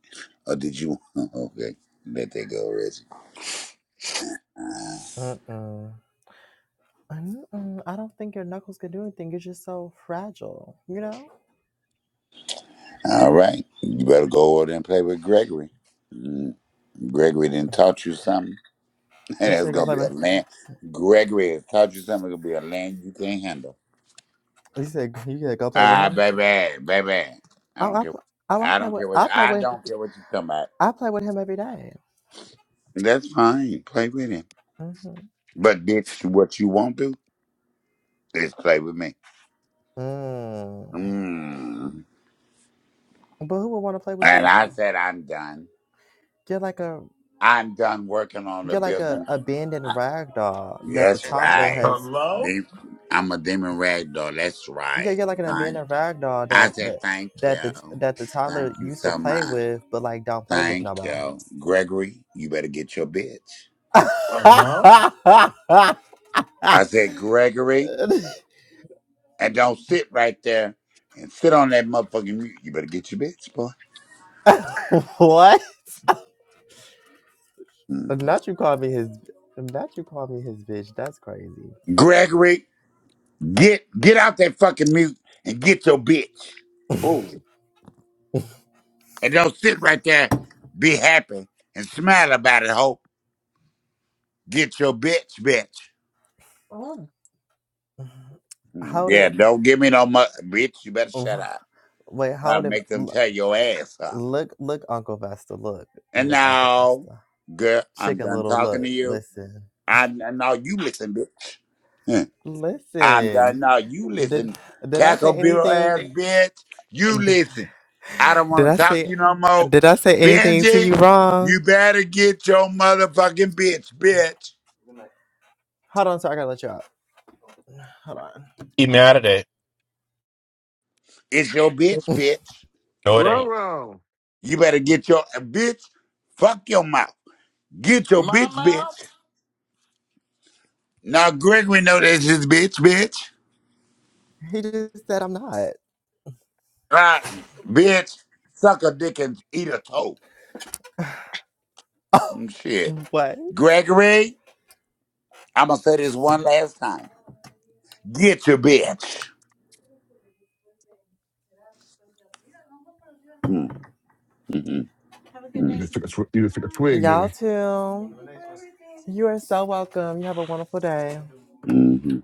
Or did you? *laughs* okay, let that go, Reggie. Uh,
mm-mm. Mm-mm. I don't think your knuckles can do anything. You're just so fragile. You know.
all right, you better go over there and play with Gregory. Mm, Gregory didn't taught you something. *laughs*
You
That's
said go
gonna
play
be a
with.
land. Gregory has taught you something. It's gonna be a land you can't handle.
You said you said go play with
Ah,
him.
baby, baby. I
Oh,
don't
I
care.
pl- oh, I
I
play
don't
with.
care
I
what.
play
I
with.
don't care what you talking about.
I play with him every day.
That's fine. Play with him.
Mm-hmm.
But did you, what you won't do is play with me.
Mm.
Mm.
But who would want to play with you
And I
though?
said, I'm done.
You're like a
I'm done working on the
You're like a
building.
abandoned rag doll that the
That's
toddler
right.
has.
Hello?
De- I'm a demon rag doll. That's
Yeah,
right.
you're like an
Thank-
abandoned rag doll
I
that
said,
that
thank
that the
you.
that the
Thank
toddler
you
used to
so
play
much.
with, but like don't play with no
Thank
more.
you. Gregory, you better get your bitch.
Hello?
I said,
*laughs*
Gregory, and don't sit right there and sit on that motherfucking mute. You better get your bitch, boy.
what?
Mm.
Not you call me his. Not you call me his bitch. That's crazy.
Gregory, get get out that fucking mute and get your bitch.
Oh,
And don't sit right there, be happy and smile about it, ho. Get your bitch, bitch.
Mm.
*laughs*
Mm,
How
Yeah,
did?
don't give me no mu- bitch. You better shut up.
Wait,
I'll
how did?
make them tell your ass up.
Look, look, Uncle Vesta. Look,
And
look, Uncle
now,
Vesta.
girl, I'm
Chicken
done
Little.
talking to
Look,
you.
listen.
I and now you listen, bitch. Huh. I'm done.
Listen,
Now you
did
listen,
did I say
cacklebill ass
anything?
bitch. You
d-
listen. I don't
Did
want
I
to talk to
say
you no more,
did I say anything to you
Benji. You
wrong?
better get your motherfucking bitch, bitch.
Hold on, so I gotta let you up. Hold on.
Keep me out of that.
It's your bitch, bitch.
No, it ain't.
Roro.
You better get your uh, bitch. Fuck your mouth. Get your
My
bitch, bitch.
mouth?
Now Gregory know that's his bitch, bitch.
He just said I'm not.
Right, bitch. Suck a dick and eat a toe. Mm, Shit,
What?
Gregory. I'm gonna say this one last time. Get your bitch. Mm, mm, mm,
You
mm,
just took a tw- you just took a twig, didn't
Y'all
you?
too. You are so welcome. You have a wonderful day.
mm, mm,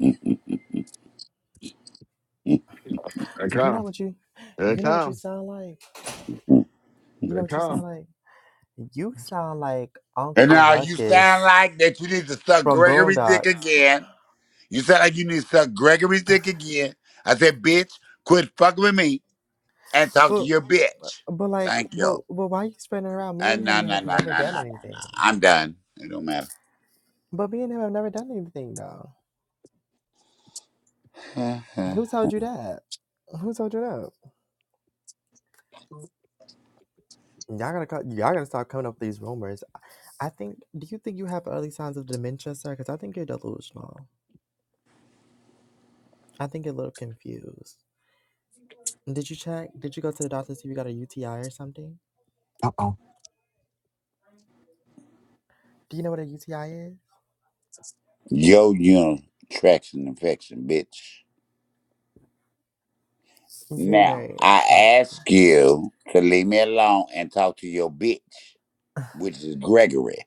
mm.
There it
You know
comes.
what you
There it
you know what you
comes.
sound like?
mm.
You
There
know
it
what you sound
comes.
like? You sound like
And
Uncle
now you sound
Ruckus
like that you need to suck
from
Gregory's dick
Boondocks.
again. You sound like you need to suck Gregory's dick again. I said, bitch, quit fucking with me. and talk to your bitch.
But like,
Thank you.
but but why you spreading it around? Me and
And no,
him
no,
have
no, no,
never
no, no,
done
no.
anything.
I'm done. It don't matter.
But me and him have never done anything though.
*laughs*
Who told you that? Who told you that? Y'all gotta cut. Y'all gotta stop coming up with these rumors. I think. Do you think you have early signs of dementia, sir? Because I think you're delusional. I think you're a little confused. Did you check? Did you go to the doctor to see if you got a UTI or something?
Uh oh.
Do you know what a UTI is?
Yo, you traction infection, bitch. Now
Urinary
I
tract.
ask you to leave me alone and talk to your bitch,
*laughs*
which is Gregory.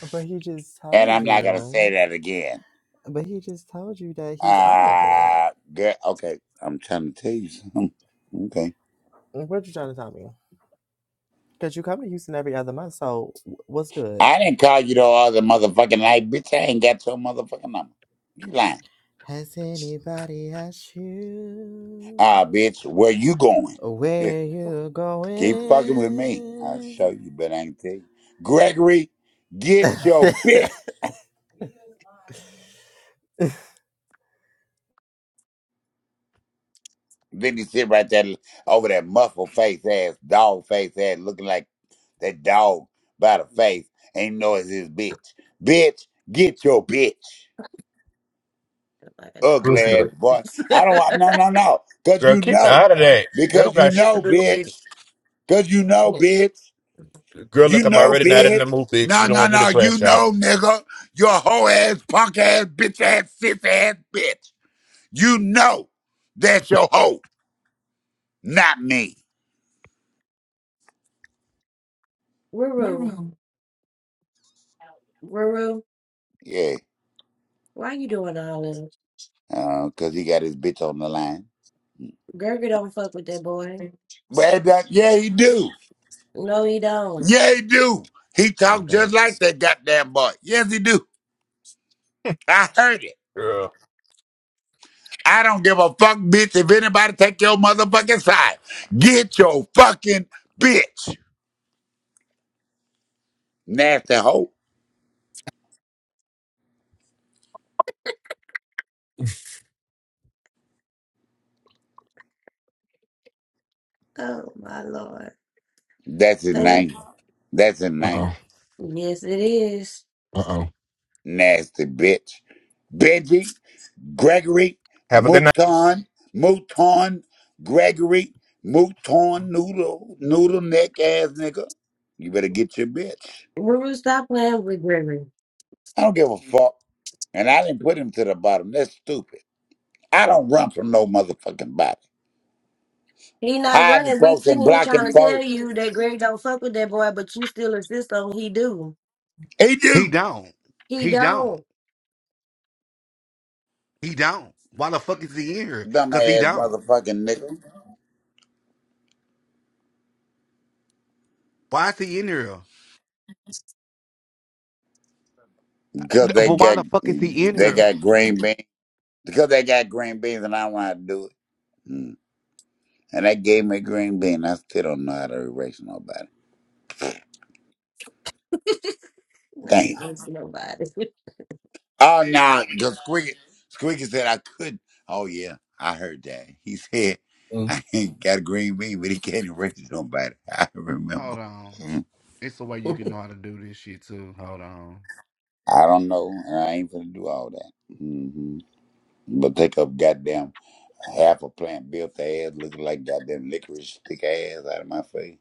But he just
And
told
I'm not gonna say
you.
that again.
But he just told you that he's out of it.
Uh, girl, okay. I'm trying to tell you something. *laughs* Okay.
What you trying to tell me? Because you come to Houston every other month, so w- what's good?
I didn't call you the other motherfucking night, bitch. I ain't got your motherfucking number. You lying.
Has anybody asked
Ah,
you
bitch, where you going? *laughs* Eh,
where
Oh.
you're
Keep
going?
fucking with me. I'll show you, but I ain't tell you. Gregory, get your bitch.
*laughs*
Then he sit right there over that muffled face ass, dog face ass, looking like that dog by the face. Ain't know it's his bitch. Bitch, get your bitch.
Like a dog.
Ugly ass
Houston.
boy. I don't want,
*laughs*
no, no, no. Because
Girl,
you
keep me
know.
out of that. They
Because
don't
you
got shit to
know,
do with me.
bitch. Because you know, bitch.
Girl,
You
look, I'm
know,
already not in the
bitch.
mood, bitch. You
No,
don't
no,
want me to
no. You
crash out.
know, nigga. You're a hoe ass, punk ass, bitch ass, sis ass bitch. You know that's your hoe, not me.
Ruru, Ruru,
Yeah,
why you doing all this?
uh, cause he got his bitch on the line.
Gerger don't fuck with that boy.
But it yeah, he do.
No, he don't.
Yeah, he do. He talk
Okay.
just like that goddamn boy. Yes, he do. I heard it.
Girl,
I don't give a fuck, bitch. If anybody take your motherfucking side, get your fucking bitch. Nasty hoe.
Oh my lord.
That's his
Oh,
name. That's his
Uh
name.
oh.
yes, it is.
Uh oh.
nasty bitch. Benji, Gregory,
have a good night.
Mouton, Mouton, Gregory, Mouton, noodle, noodle neck ass nigga. You better get your bitch.
Ruru, stop playing with Gregory.
I don't give a fuck. And I didn't put him to the bottom. That's stupid. I don't run from no motherfucking body.
He not
Hiding
running. We
folks
sitting
and
here trying
blocking
to tell
folks.
you that Greg don't fuck with that boy, but you still insist on he do.
He
He
do.
don't.
He
He don't.
don't.
He don't. Why the fuck is he in here? Cause he
Dumbass
don't.
motherfucking nigga.
Why is he in here? N-
Because they
But why
got
the fuck is he in
they
here?
got green beans. Because they got green beans and I want to do it. Hmm. And they gave me a green bean. I still don't know how to erase nobody.
*laughs* not
Damn.
impress nobody. *laughs*
Oh no, because Squeaky Squeaky said I couldn't. Oh yeah, I heard that. He said *laughs* I ain't got a green bean, but he can't erase nobody. *laughs* I remember.
Hold on.
Mm.
It's the way you can know how to do this shit too. Hold on.
I don't know, and I ain't gonna do all that. hmm But take up goddamn half a plant, built their ass looking like goddamn licorice, stick ass out of my face.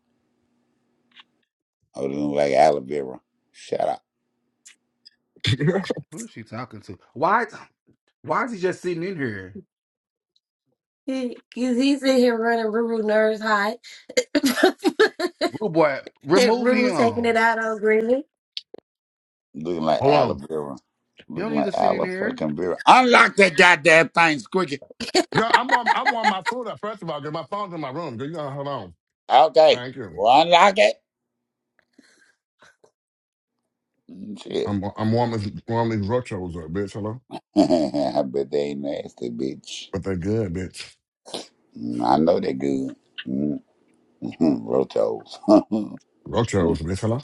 Oh, they look like aloe vera. Shut up.
Mm.
Who is she talking to? Why? Why is he just sitting in here?
Cause he's in here running Ruru nerves hot. *laughs* and
Rude boy, remove
Ruru's taking
him.
it out on Greeley.
Looking
*laughs*
like
hold
Ala
on.
Vera.
You
Looking
don't need
like
to sit in
Ala
here.
fucking Vera. Unlock that goddamn thing, Squeaky.
Yeah, I'm warm. I'm warming my food up first of all, because my phone's in my room. Girl, you gotta hold on.
Okay.
Thank you.
Well, unlock it. Mm, Shit.
I'm I'm warming warming these rochos up, bitch. Hello.
*laughs* I bet they ain't nasty, bitch.
But they're good, bitch.
Mm, I know they good. Mm, *laughs* Rotos. *laughs* Mm,
Rochos, bitch. Hello.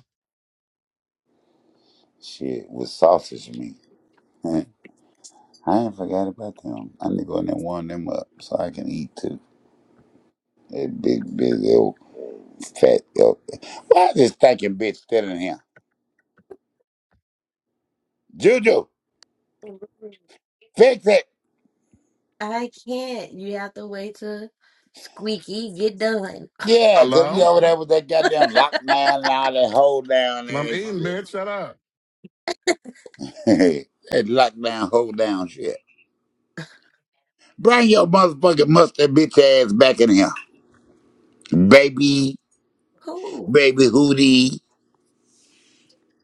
Shit, with sausage meat. *laughs* I ain't forgot about them. I need to go in there and warm them up so I can eat too. That big, big, old fat old. Why is this thinking bitch still in here? Juju, fix it.
I can't. You have to wait till Squeaky get done.
Yeah, 'cause we
Hello.
over there with that goddamn
*laughs*
lockdown and all that hold down
'Cause I'm
and
eating,
shit.
bitch. Shut up.
*laughs* that lockdown, hold down shit. Bring your motherfucking mustard bitch ass back in here. Baby,
Who?
baby hootie.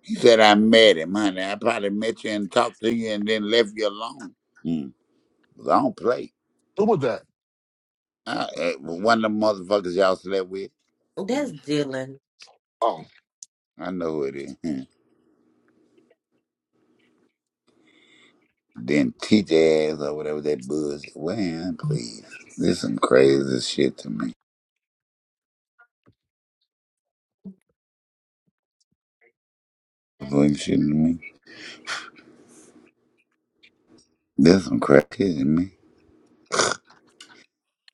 He said, I met him, honey. I probably met you and talked to you and then left you alone. Mm. 'Cause I don't play.
Who was that?
I, eh, one of the motherfuckers y'all slept with.
That's
Mm.
Dylan.
Oh,
I know who it is. Hmm. Then teach ass or whatever that bullshit. Well, please. This some crazy shit to me. Like shit to me. There's some crack shit in me.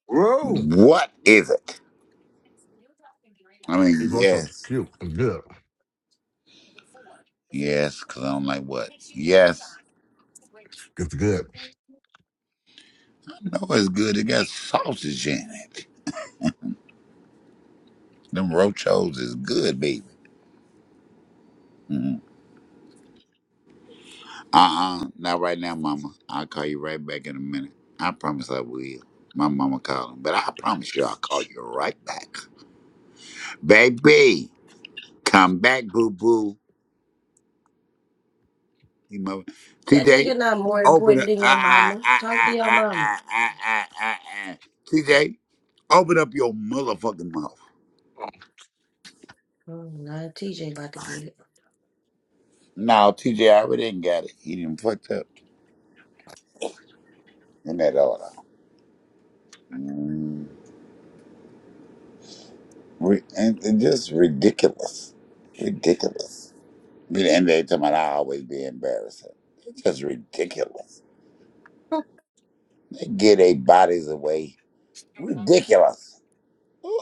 Roo.
What is it? I
He's
mean,
watching
yes.
cute and good.
Yes, because I don't like what? Yes.
It's good.
I know it's good. It got sausage in it. Them rochos is good, baby. hmm Uh-uh. Not right now, mama. I'll call you right back in a minute. I promise I will. My mama calling. But I promise you I'll call you right back. Baby, come back, boo-boo. He mother.
That
TJ,
nigga not more
open
important
up.
than your
Ah, ah,
mama.
ah,
Talk to
ah,
your
ah,
mama.
ah, ah, ah, ah. TJ, open up your motherfucking mouth.
Oh, nah, TJ about to get it.
No, TJ, I already didn't got it. He didn't fucked up in that order. Mm. Ri- And, and just ridiculous. Ridiculous. But And they talking about I always be embarrassing. It's just ridiculous.
*laughs*
They get their bodies away. Ridiculous. Ooh.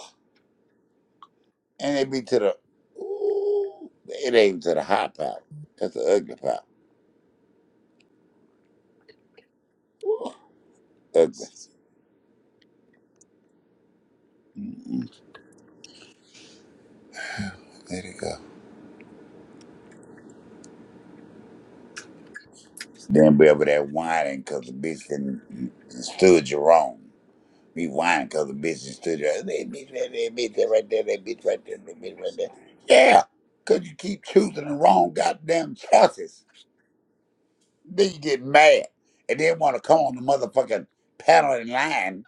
And they be to the, ooh, it ain't to the hot part. That's the ugly part. Ugly. Mm-mm. Let it go. Then be over there whining because the bitch didn't stood you wrong. Be whining because the bitch done stood you wrong. That bitch, that, that bitch that right there, that bitch right there, that bitch right there. Yeah, because you keep choosing the wrong goddamn choices. Then you get mad and then want to come on the motherfucking panel in line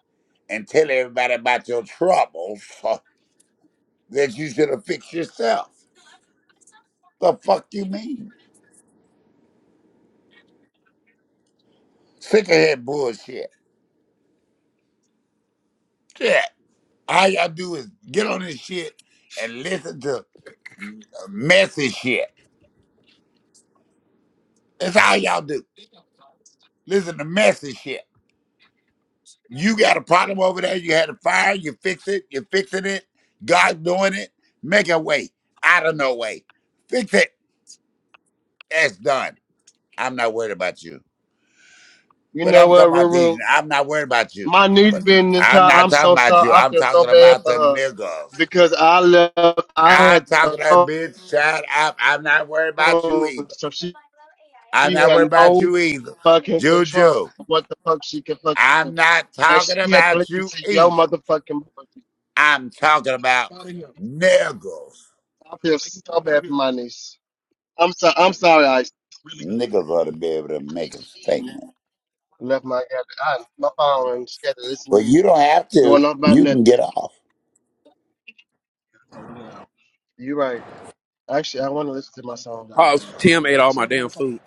and tell everybody about your troubles *laughs* that you should have fixed yourself. The fuck you mean? Sick of that bullshit. Yeah. All y'all do is get on this shit and listen to messy shit. That's all y'all do. Listen to messy shit. You got a problem over there. You had a fire. You fix it. You're fixing it. God's doing it. Make a way out of no way. Fix it. That's done. I'm not worried about you.
You
But
know
I'm
what,
talking about
Ruru?
these. I'm not worried about you.
My niece
But
been in this
I'm
car.
not
I'm
talking
so
about
sorry.
you.
I
I'm
feel so
talking
bad
about
for
the
her.
niggas.
because I left. I had
I'm
the
talking that bitch. Shut up. I'm not worried about you
phone,
either.
so she,
I'm
she
not
had
worried about
no
you either.
fucking control
Juju,
of what the fuck she could fucking do,
I'm not
and
talking
she had to
about
listen
you
to your
either.
motherfucking voice.
I'm talking about
out of here.
niggas.
I feel so bad for my niece. I'm so I'm sorry. I Really good.
Niggas ought to be able to make a statement.
left my I, my phone and she had to listen
But
to you
you don't have
going
to.
on about
You can
nothing.
get off.
Hold it out. You're right. Actually, I want to listen to
Oh, Tim ate all my damn food.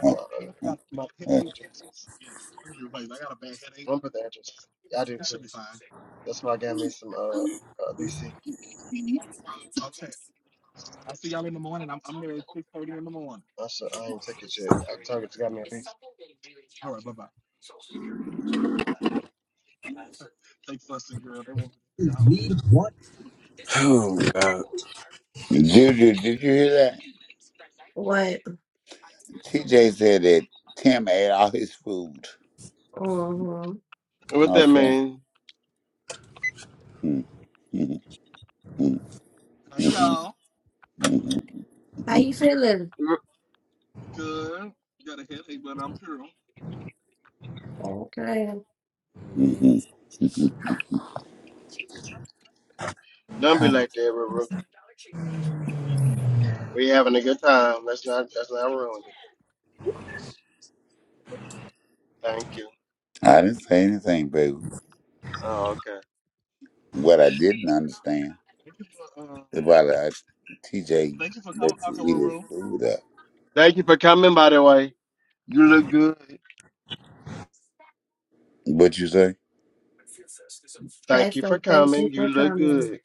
*laughs*
phone for the address. I do. That's why I got me some uh, uh BC. I said I ain't take it yet. I told it to got me at least.
*sighs* Oh my god.
Juju, did you hear that?
what?
TJ said that Tim ate all his food.
mm hmm
What that
Okay.
mean?
*laughs*
How you feeling? Okay.
Don't be like that, River. We having a good time. Let's not let's not ruin it. Thank you.
I didn't say anything, baby.
Oh, okay.
What I didn't understand. About uh, TJ let you eat his food up.
Thank you for coming by the way. You look good.
What you say?
Thank you for
Faster, thank you
coming. You
for
look
coming.
good.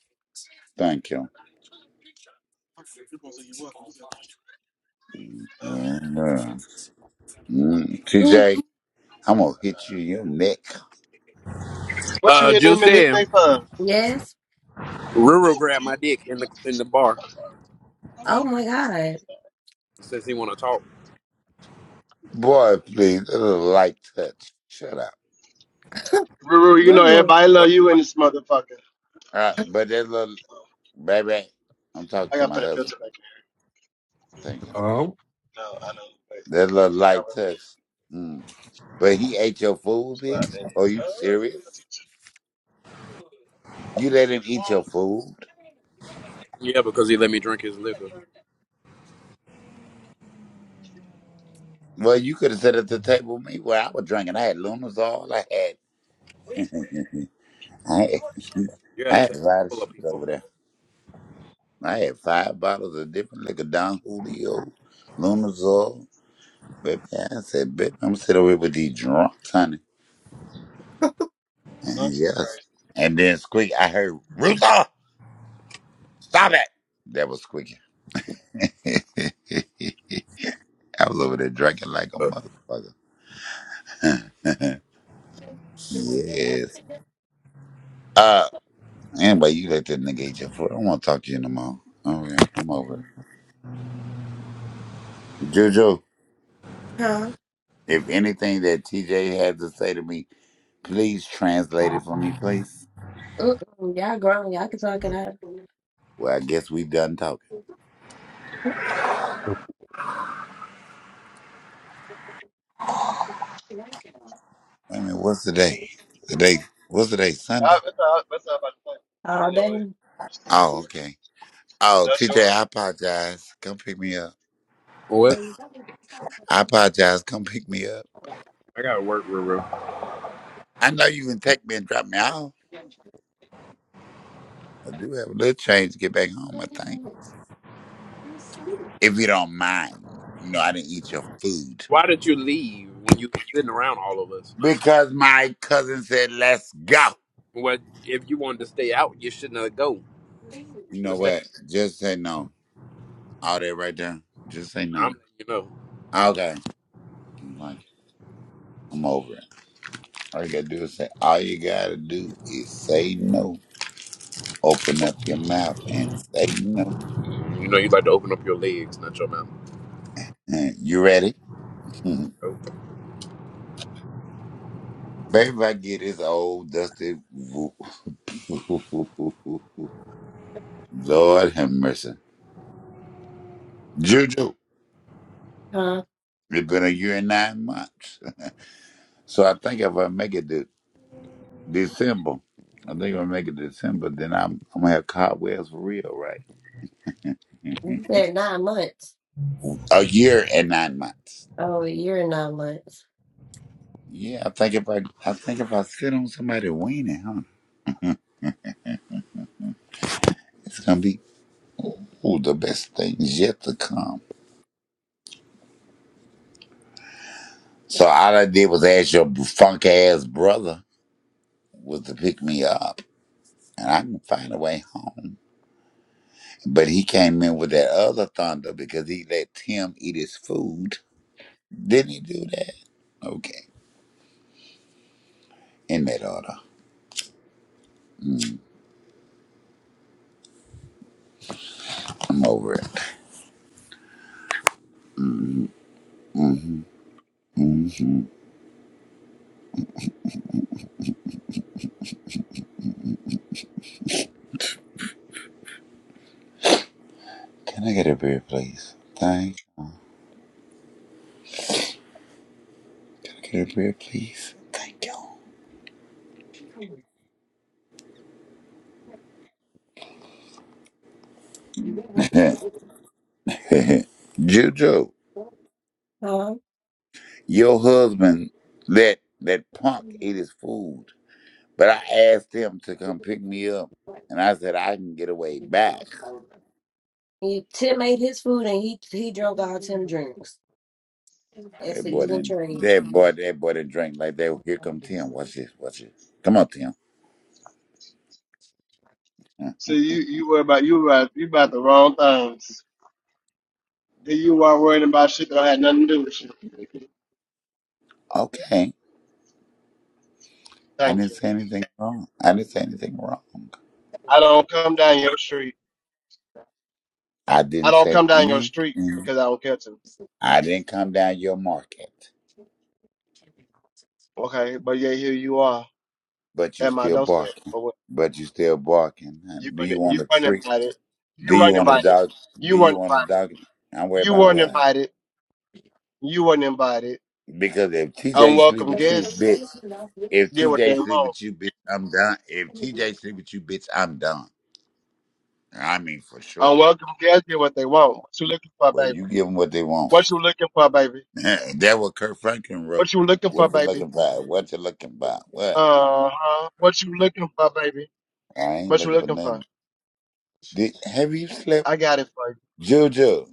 Thank you.
*sighs* You're gonna say you're welcome. You said,
And, Uh, mm,
Ugh.
TJ, I'm gonna hit you in your neck,
what you
Uh,
hitting him
Juice
in this
said,
thing for?
Yes?
Ruru grabbed my dick in the in the bar.
Oh my God.
Says he want to talk.
boy. Please, a little light touch. Shut up.
Ruru, you
No, bitch,
know
it
Ruru.
everybody love you in this
like-
motherfucker.
All right, but that little baby, I'm talking
I
to
gotta
my
put a
husband.
filter back in.
Thank you.
Oh,
No, I know. Wait, the,
That little
the camera
light
filter.
touch. Mm. But he ate your food,
Five
bitch. Are
days.
you serious? You let him eat your
Uh,
food?
Yeah, because he let me drink his liquor.
Well, you could have sat at the table with me where I was drinking. I had Lunas all I had. *laughs* I had, *laughs*
You had
I
a
had a
table
lot of
full of
shit
people.
over there. I had five bottles of different liquor, Don Julio, Lunazol. Baby, I said, baby, I'm sitting over here with these drunks, honey. And yes. And then Squeak, I heard, Ruther, stop it. That was Squeaky. *laughs* I was over there drinking like a motherfucker. *laughs* yes. Uh, anyway, you let that nigga eat your foot. I don't want to talk to you no more. Oh, yeah, I'm over it. Juju.
Huh?
If anything that TJ had to say to me, please translate it for me, please.
Mm-mm. Y'all grown. Y'all can talk it out
Well, I guess we done talking. Wait a minute, what's the day? Today, what's the day?
I-
Sunday?
that's all- that's all about the point.
all
You
day.
know
Oh,
it.
okay. Oh,
That's
TJ,
yours.
I apologize. Come pick me up.
What?
I apologize. Come pick me up.
I gotta work, Ruru.
I know you can take me and drop me off. I do have a little change to get back home, I think. If you don't mind. You know, I didn't eat your food.
Why did you leave when you sitting around all of us?
Because my cousin said, let's go.
Well, if you wanted to stay out, you shouldn't have go. You
You
should
know
have stayed.
what? Just say no. All that right there. Just say no.
I'm letting you know.
Okay. I'm like, I'm over it. All you gotta do is say, all you gotta do is say no. Open up your mouth and say no.
You know, you like to open up your legs, not your mouth.
Mm, You ready? *laughs*
Oh.
Baby, I get this old dusty. wo- *laughs* Lord have mercy. Juju,
Huh?
it's been a year and nine months. *laughs* So I think if I make it to December, I think if I make it December, then I'm, I'm gonna have cobwebs for real, right? *laughs*
You said nine months.
a year and nine months.
Oh, a year and nine months.
Yeah, I think if I, I think if I sit on somebody winning, huh, it's gonna be ooh, the best thing is yet to come. So all I did was ask your funk ass brother was to pick me up, and I can find a way home. But he came in with that other thunder because he let Tim eat his food. Didn't he do that? Okay, in that order. I'm over it. hmm Can I get a beer, please? Thank. Can I get a beer, please? Thank you. *laughs* Juju.
Huh?
Your husband let that punk eat his food, but I asked him to come pick me up, and I said I can get away back.
He, Tim ate his food and he he drunk all Tim drinks.
That
That's an
boy
even
didn't.
trade.
That boy. That boy didn't drink like that. Here come Tim. Watch this. Watch this. Come on, Tim. Huh.
So you you worry about you about you about the wrong things. Here you are worrying about shit that don't have nothing to do with you.
Okay. I
Thank
didn't
you.
say anything wrong. I didn't say anything wrong.
I don't come down your street.
I
I
didn't
don't
say
come down your street
anything.
because I don't care to.
I didn't come down your market,
Okay, but yeah, here you are
but you
at my
still
doorstep
barking.
for what
But you still barking. Huh?
you
Do
weren't
you want
you
a
weren't
treat?
invited.
Do
You
you
weren't
want to
invited.
dog? Do
You weren't
you want to
invited.
dog? I'm worried
You
about
weren't
what?
invited. You weren't invited.
Because if TJ sleep
Unwelcome
with you,
guests.
bitch. If
get what they
TJ sleep
want.
with you, bitch, I'm done. If TJ sleep with you, bitch, I'm done. I mean, for sure.
Unwelcome guests get what they want. What you looking for,
But
baby?
you give them what they want.
What you looking for, baby?
*laughs* that what Kurt Franklin wrote.
What you looking
What
for,
you
baby?
looking for? What you looking for? What?
Uh huh. What you looking for, baby?
I ain't
What you
looking for
looking for?
nothing. Did, have you slept,
I got it for
Juju?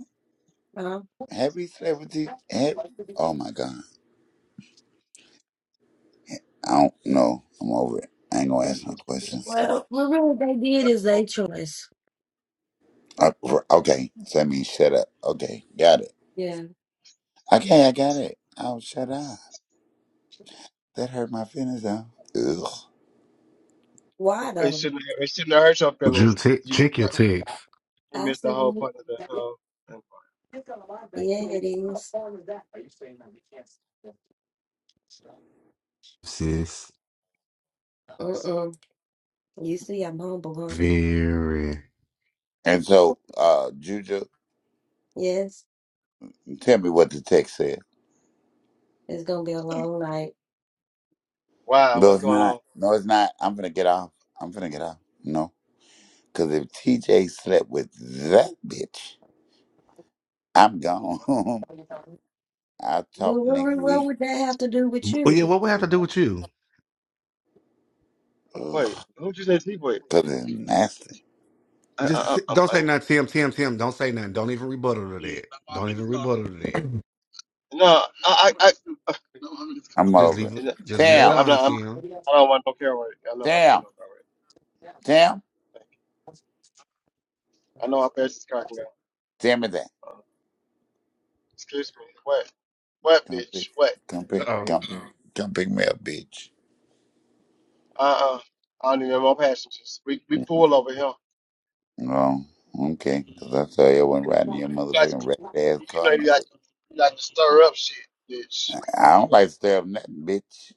huh?
Have you slept with these? Have, oh my God! I don't know. I'm over it. I ain't gonna ask no questions.
Well, *laughs* well, really, they did is
you.
their choice.
Uh, r- okay, so that means shut up. Okay, got it.
Yeah.
Okay, I got it. Oh, shut up. That hurt my feelings, though. Ugh.
Why
It
though?
shouldn't. It shouldn't have hurt your
Drew,
feelings.
t-
You mi-
check your text,
you
I
missed
see.
the whole
it.
part of the. Uh,
Yeah, it is.
sis.
Mm-mm. You see, I'm humble, huh?
Very.
And so, uh, Juju,
Yes,
tell me what the text said.
it's gonna be a long night.
wow,
No,
what's
it's
going
not.
on?
No, it's not. I'm gonna get off. I'm gonna get off. No, because if TJ slept with that bitch, I'm gone. *laughs* I'll talk
Well, what,
next
what, what
week.
would that have to do with
Well, yeah,
you?
what would have to do with you?
Ugh,
Wait, who'd you say sleep with?
cause it's nasty.
I,
Just
I,
s-
I,
don't
I,
say nothing, Tim. Tim, Tim. Don't say nothing. Don't even rebuttal to that. Don't even rebuttal to that.
no, I, I, I
I'm
Just
over.
leave
it.
it. Just
*laughs*
leave
yeah,
it
Tam,
I'm
alone,
not. I'm,
Tim.
I don't want no car wreck. I'm not about to get
Tam,
no car wreck.
Tam,
Thank you. I know how fast this car can go.
Tell me that.
Excuse me. What? What,
Come pick,
bitch? What?
come pick,
Oh,
come, come pick me up, bitch.
Uh uh I don't need no more passengers. We we full over here.
Well, okay, because I saw everyone riding
You know
your
you like
motherfucking
to,
red ass
you
car.
know you
No,
like to, you like to stir up shit, bitch.
I don't like to stir up nothing, bitch.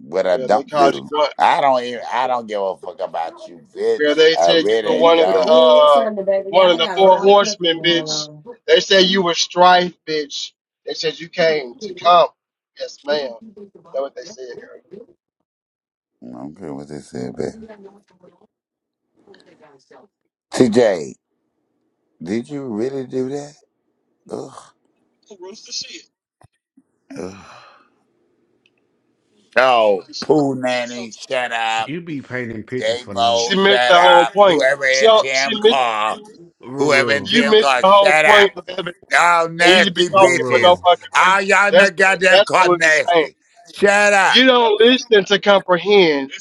What I
Girl, they
don't
called you
do,
one.
I don't even, I don't give a fuck about you,
Girl,
bitch.
they
I
said you were
And
really
one
this
of
was
the
don't.
good
uh
Sunday, baby.
one of
Y'all
the
got a
four
lot of cooking
horsemen,
going
bitch.
on.
They said you were strife, bitch. They said you came to come. Yes, ma'am. That's what they said, girl.
I don't care what they said, baby. TJ, did you really do that? Ugh. Ugh. Oh, poo nanny, shut up.
you be painting pictures
Dave
for no.
Mo,
She missed
shut
the whole
up.
point.
Whoever
She she
NTM
missed
call, whoever
Ruru,
You
NTM
missed
call,
the whole
shut up.
point of it,
Y'all
and you should be
nasty
talking for no
bitches.
Ruru.
fucking
All
reason.
y'all
That's
that got that
that's what
called
we be saying.
nasty. Shut up.
You don't listen to comprehend.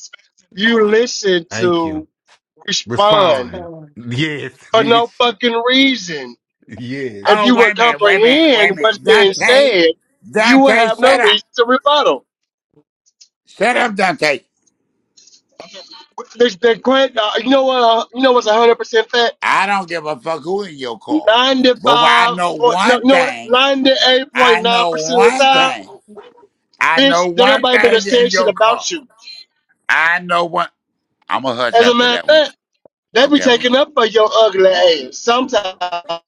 You listen
Thank
to
you.
It's
respond
Respond.
fun.
Yes, *laughs*
for no
bitch.
fucking reason.
Yes.
If
Oh,
you
wait a
would
minute, wait a minute, wait
comprehend
a
what's
minute.
being
Dante,
said, you would
Dante,
have
shut
no
up.
reason to rebuttal.
Shut up, Dante.
The, the, que- uh, you know what? Uh, you know what's hundred percent fact?
I don't give a fuck who in your car. But when I
Ninety-five,
know
or, no,
one
no,
thing.
ninety-eight
I
point nine
know
percent of the
one
time.
thing. I
Bitch,
know
don't
one
nobody been better
thing
say
in
shit
your car.
about you.
I know one. I'm going to hush
As a
after
matter of
that one.
fact, they be
Okay, I'm going to hush.
taking up for your ugly ass sometimes.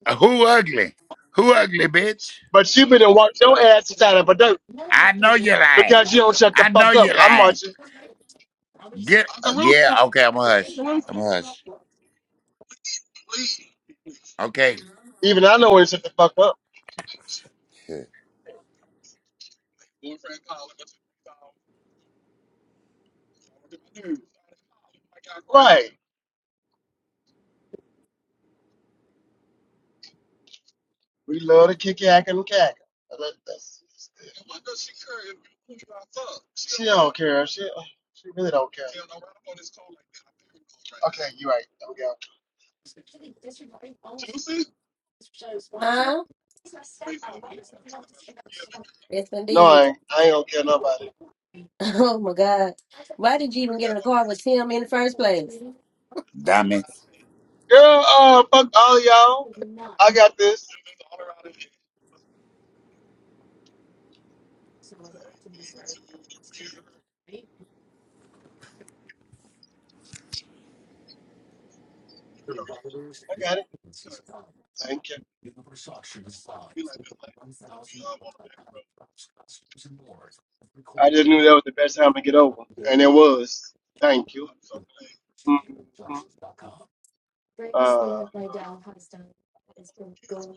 Uh, Who ugly? Who ugly, bitch?
But you been to walk your ass inside of a dirt
I know you're lying.
because you don't shut the
I know
fuck up.
you're
I'm
lying.
marching.
Get
Uncle
uh,
Rooster,
yeah, okay, I'm a
Uncle
hush.
Rooster.
I'm a hush.
please.
Okay.
Even I know when to shut the fuck up.
shit,
Boyfriend calling us. Right. We love to kick yak and cack. That- That's, that's, she don't care. She, she really don't care. Okay, you right. There we go.
Huh? Yes,
No,
indeed.
I
*laughs*
ain't, I ain't gonna care nobody.
Oh my God. Why did you even get in the car with Tim in the first place?
Dummy.
Oh, y'all, I got this. I got it. Thank you. I just knew that was the best time to get over, and it was. Thank you. Mhm. Uh, piss.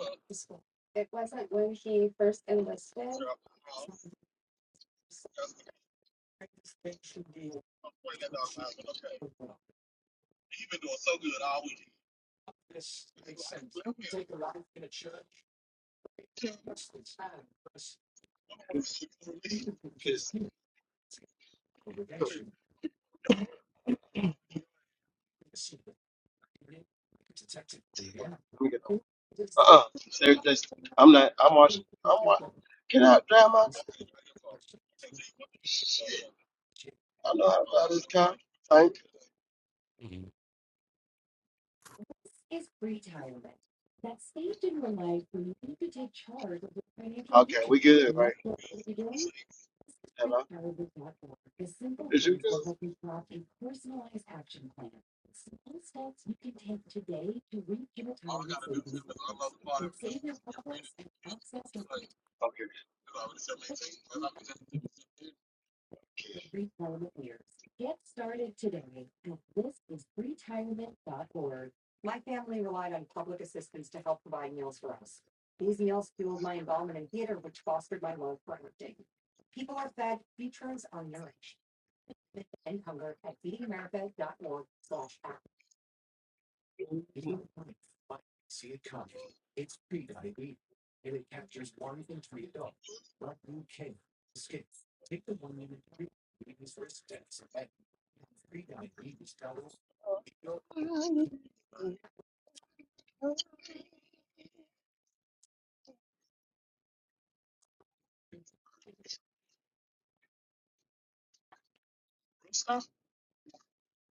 Okay, let me get over. Uh-uh. There, there's, I'm not. I'm watching. I'm watching. Can I drive my car? Shit. I know how to drive this car. Thank you. Okay, we good, right? Hello. Is you good? Okay.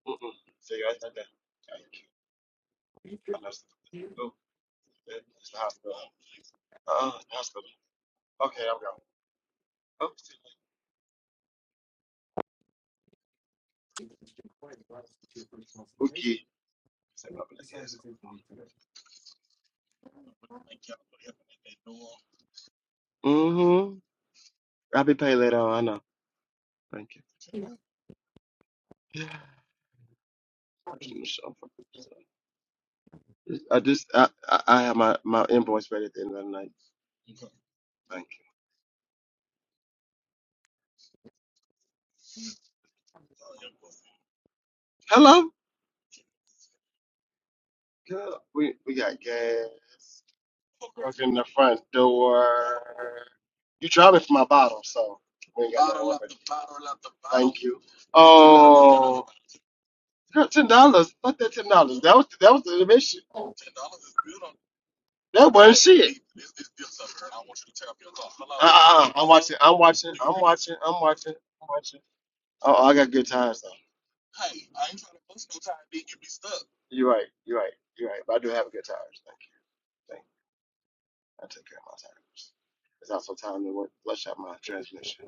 Mm-mm. See, I think that. Thank you. I know. Go. It's the hospital. Uh, hospital. Okay, I'm going. Ok. Mm-hmm. I'll be paid later on. I know. Thank you. Yeah. First in the show. So, I just I I I have my my invoice ready at the end of the night. Thank you. Girl, we we got gas. Truck in the front door. You driving for my bottle, so we ain't got you. Oh, girl, ten dollars. Fuck that ten dollars. That was that was the mission. That wasn't shit. Uh, I'm watching. I'm watching. I'm watching. I'm watching. I'm watching. Oh, oh, I got good times though. You're right. You're right. You're right. But I do have good times. Thank you. Thank you. I take care of my times. It's also time to work, flush out my transmission.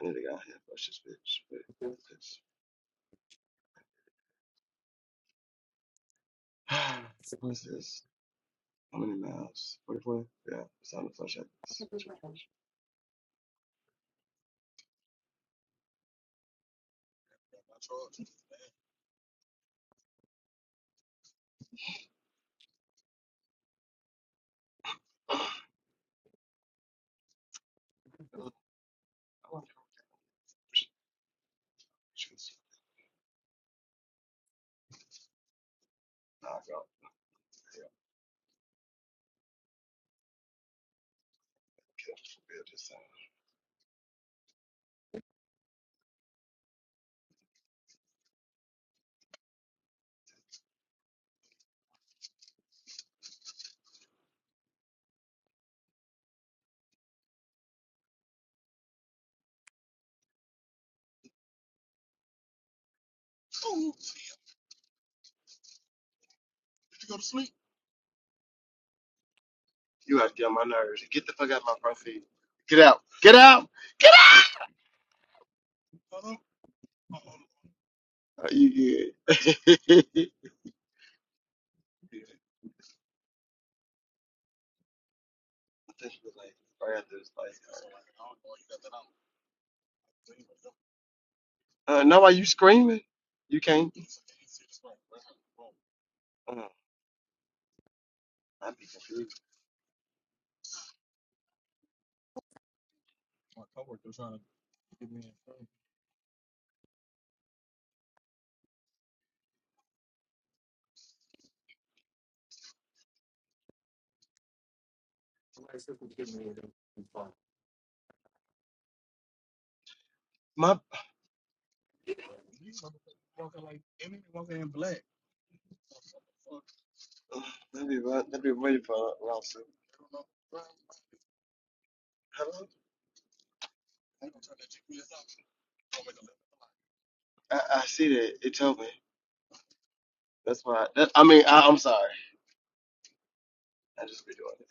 I need to get out here and flush this bitch. Wait, what's this? *sighs* What's this? How many miles? 44? Yeah, it's time to flush out this. *sighs* Check my drawers. I want to go. Nah, I don't. Yeah, I'm kidding. We'll do this time. Oh, did you go to sleep? You guys get on my nerves. Get the fuck out of my front feet. Get out. Get out. Get out. Are you good? *laughs* uh, no. why you screaming? You can't. Uh, I'd be confused. My. *sighs* That'd be right. That'd be ready for around soon. Hello. I, I see that. It told me. That's why. That, I mean, I, I'm sorry. I just be doing it.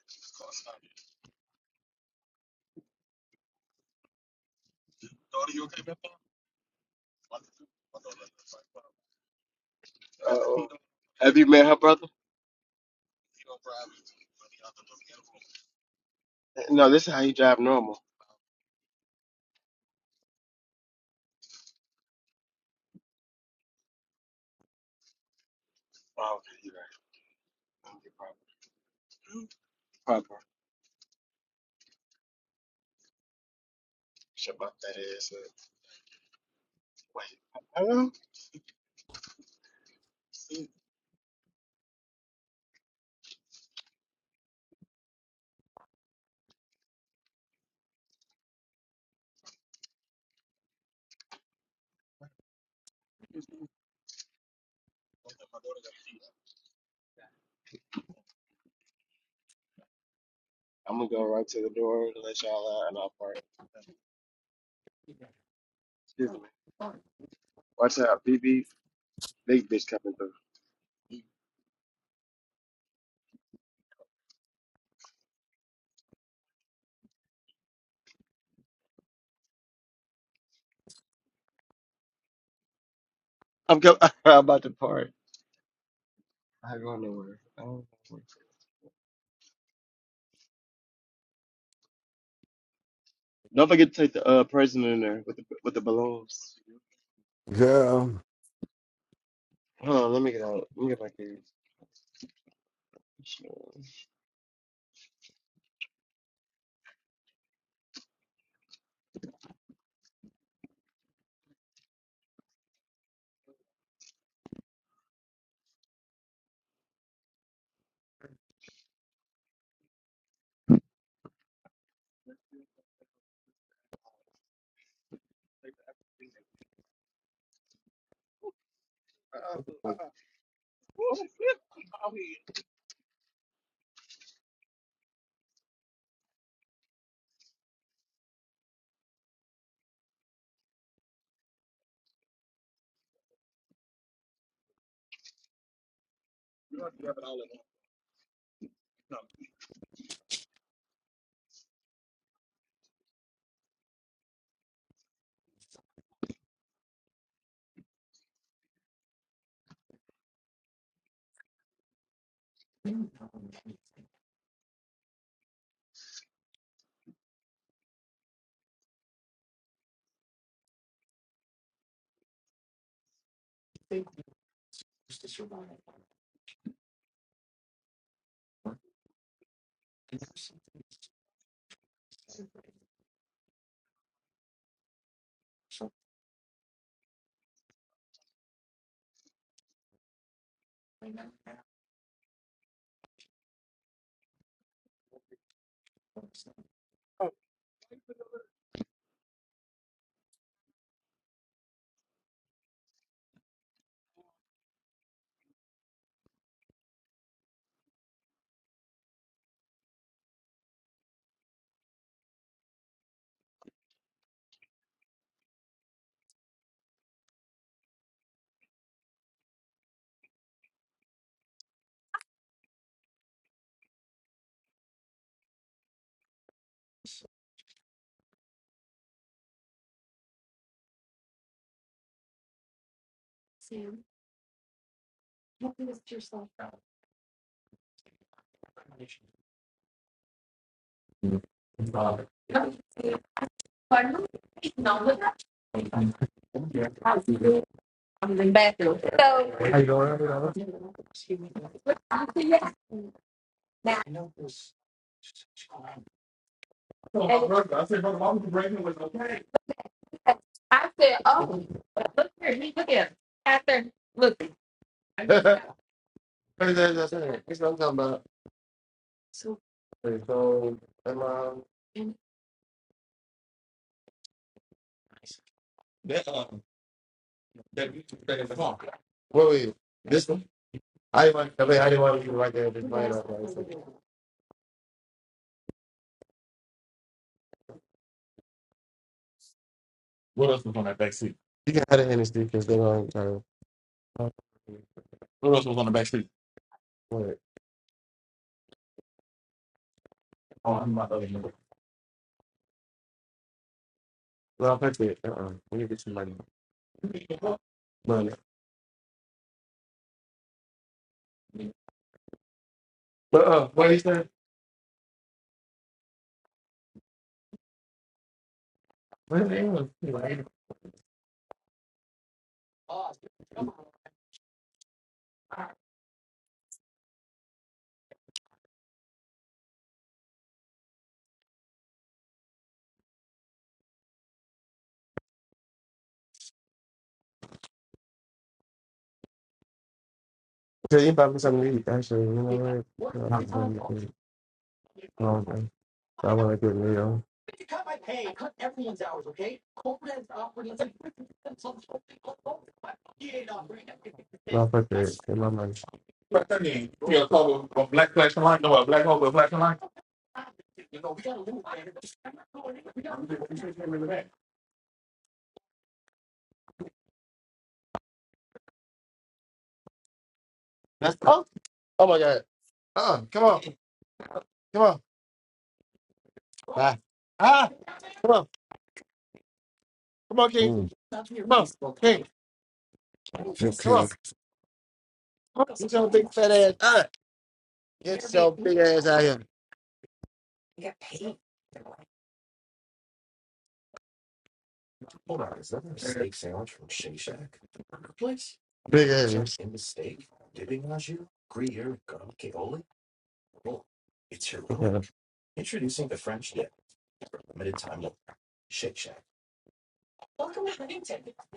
Have you met her brother? No, this is how he drive normal. Shut up, that ass. up. Wait. Hello? I'm gonna go right to the door to let y'all out and I'll park. Excuse me. Watch out, BB. Big bitch coming through. I'm go- *laughs* I'm about to park. I ain't going nowhere. I don't, don't forget to take the uh, prisoner in there with the with the balloons.
girl.
Hold on, let me get out. Let me get my keys. You do in one number. So I said, yes. Now, and I said, oh, but look here, he look at him. After, look. *laughs* that that you took that in the park. Wait, wait, this one? I want, I mean, I want to right there. What else? is- What else? is- oh, I'm not letting you. Cause you bought something to eat, actually. You know what? No, I'm sorry. No, I'm sorry. I want to get real. No, fuck that. In my money. What's that name? You got a call with- on black flashing light? No, a black hole with a flashing light? You should get rid of that. That's oh, oh my god. Uh-uh. Come on. Come on. Bye. Ah, come on. Come on, King.
Mm,
Come on. King.
just
Come
here.
on. Get your big fat ass. Ah. Get your big ass out here. Big ass. Yeah,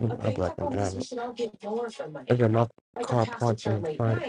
I'm black. I'm out I got my car parked in the front.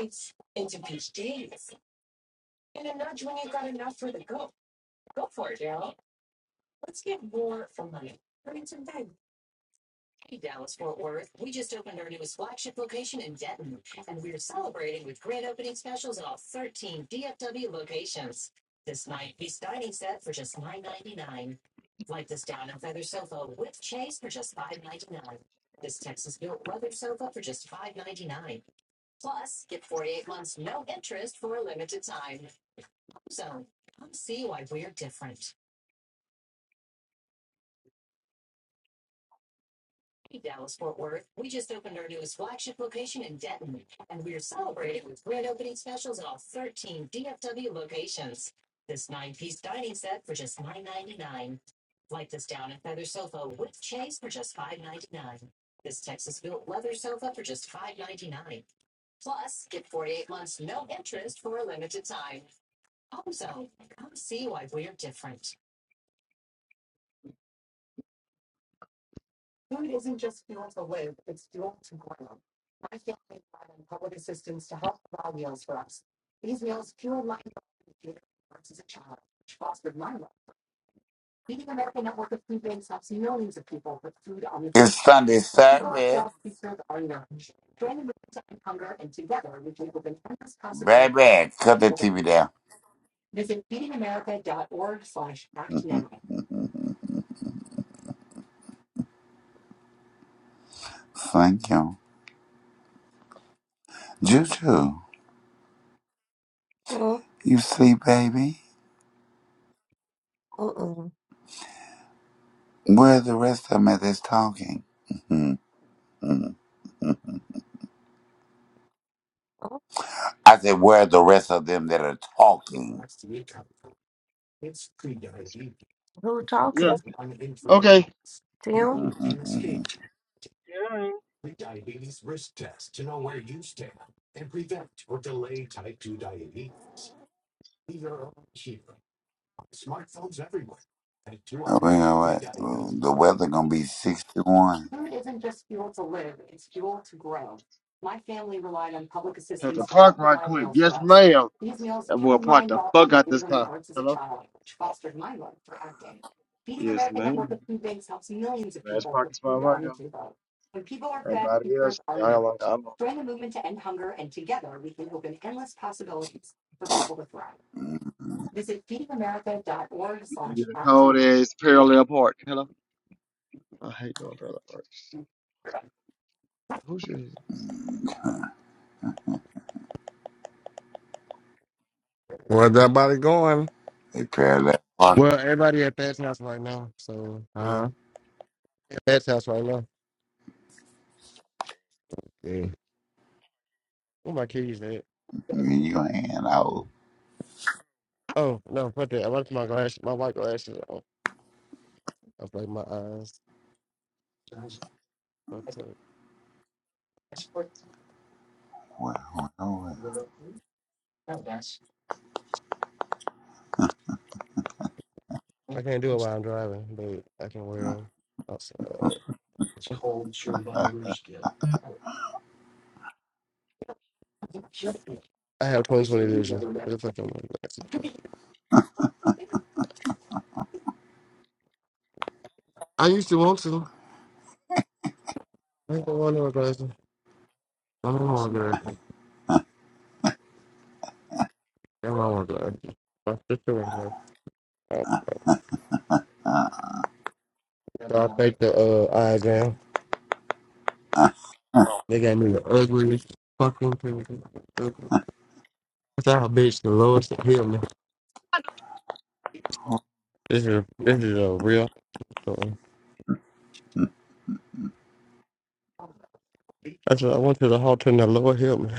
It's Sunday service. Baby, cut the TV down. Thank you. Juju,
Uh-uh,
you sleep, baby?
uh-uh.
Where are the rest of them that's talking? *laughs* Mhm, mhm, mhm.
Oh,
I said, where are the rest of them that are talking?
Who
Yeah.
talking?
Okay.
*laughs*
Tim?
Mhm, mhm, mhm. Oh, you know what? Well, The weather gonna be 61.
Hit the park right quick. Yes, ma'am. That boy parked the fuck out this car. Hello? Yes, ma'am. Last parking spot right now. Everybody else, y'all like, I'm on
Mm,
the cold ass parallel park. Hello? I hate doing parallel parks. Who's your
Where's that body going?
They pair that pocket
Well, everybody at Pat's house right now. So, yeah.
Huh?
At Pat's house right now.
Yeah.
Where my keys at?
in your hand out.
Oh, no, fuck that. I left my glasses, my white glasses on. I was like, my eyes fucked up.
Well, well,
I can't do it while I'm driving, but I can wear them outside. I have 2020 vision. What the fuck am I wearing glasses for? I used to want to. I ain't gonna want no glasses. I don't want glasses. I don't want glasses. My sister wants glasses. Uh, So I faked the uh, eye exam.
well. *laughs*
They got me the ugliest fucking thing. That's how a bitch the Lord help me. This is this is a real. story. That's what I went to the altar and the Lord help me.